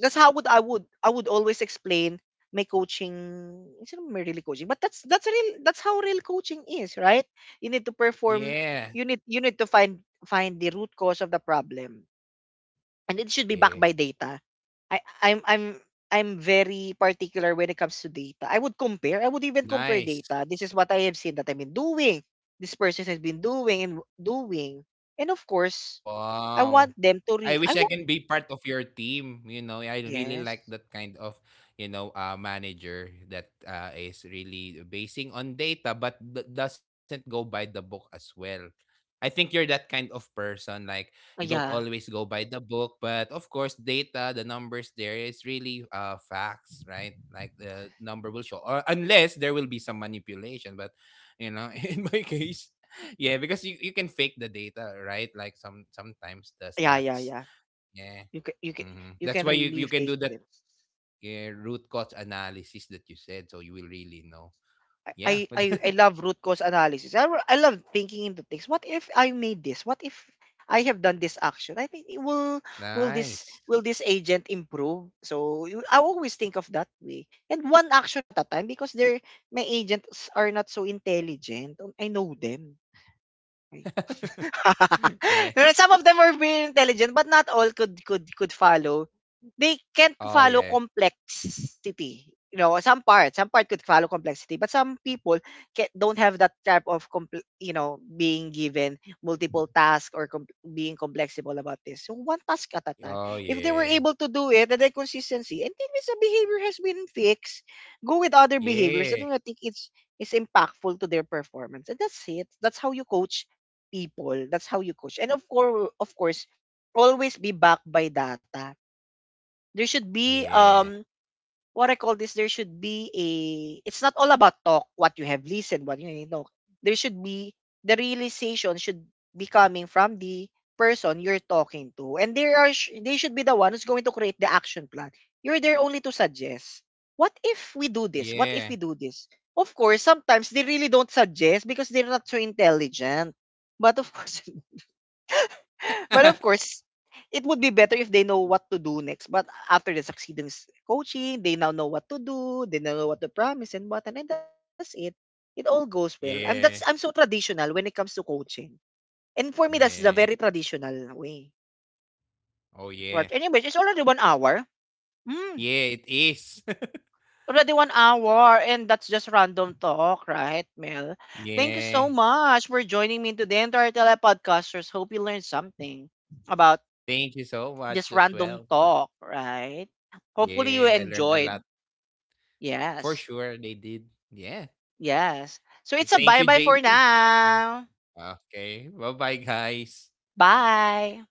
A: that's how would I would I would always explain my coaching. It's not my really coaching, but that's real. That's how real coaching is, right? You need to perform.
B: Yeah.
A: You need to find the root cause of the problem, and it should be backed
B: Yeah.
A: by data. I I'm very particular when it comes to data. I would compare. I would even compare
B: Nice.
A: data. This is what I have seen that I've been doing. This person has been doing and doing, and of course, I want
B: Wow.
A: them to re.
B: I
A: I
B: wish I
A: want
B: can be part of your team. You know, I really
A: Yes.
B: like that kind of, you know, manager that is really basing on data but doesn't go by the book as well. I think you're that kind of person. Like you don't
A: Yeah.
B: always go by the book, but of course, data, the numbers there is really facts, right? Like the number will show, or unless there will be some manipulation. But you know, in my case, yeah, because you can fake the data, right? Like some sometimes the
A: Yeah, yeah,
B: stats.
A: yeah.
B: Yeah.
A: You can
B: Hmm.
A: you
B: That's
A: can
B: why you,
A: really
B: you can
A: fake
B: do that,
A: them.
B: yeah, root cause analysis that you said, so you will really know.
A: I I
B: Yeah. But
A: I I love root cause analysis. I love thinking into things. What if I made this? What if I have done this action? I think it will. will this
B: nice.
A: will this agent improve? I always think of that way. And one action at a time, because they're my agents are not so intelligent. I know them. Right?
B: Yeah.
A: Some of them are very intelligent, but not all could follow. They can't
B: Oh
A: follow
B: yeah.
A: complexity. You know, some part could follow complexity, but some people don't have that type of being given multiple tasks, or being complexible about this. So one task at a time.
B: Oh
A: If they were
B: yeah.
A: able to do it, and their consistency, and then this behavior has been fixed, go with other behaviors that
B: Yeah.
A: I think it's is impactful to their performance. And that's it. That's how you coach people. That's how you coach. And of course, always be backed by data. There should be
B: Yeah.
A: what I call this, there should be a, it's not all about talk, what you have listened, what you know. There should be the realization should be coming from the person you're talking to. And they should be the one who's going to create the action plan. You're there only to suggest. What if we do this? What if we
B: Yeah.
A: do this? Of course, sometimes they really don't suggest because they're not so intelligent. But of course, but of course, it would be better if they know what to do next. But after the succeeding coaching, they now know what to do, they now know what to promise and what, and then that's it. It all goes well. I'm so
B: Yeah.
A: traditional when it comes to coaching. And for me, that's the very
B: Yeah.
A: traditional way.
B: Oh
A: Right.
B: yeah.
A: Anyways, it's already one hour. Mm,
B: Yeah, it is.
A: Already one hour, and that's just random talk, right, Mel? Thank you so
B: Yeah.
A: much for joining me to the entire Telepodcasters. Hope you learned something about
B: Thank you so
A: this
B: much as
A: random
B: well.
A: talk, right? Hopefully you
B: Yeah, I learned a
A: enjoyed.
B: lot.
A: Yes.
B: For sure, they did. Yeah.
A: Yes. So it's a
B: Thank you,
A: bye-bye for
B: JP. Mhm.
A: now.
B: Okay. Bye-bye, guys.
A: Bye.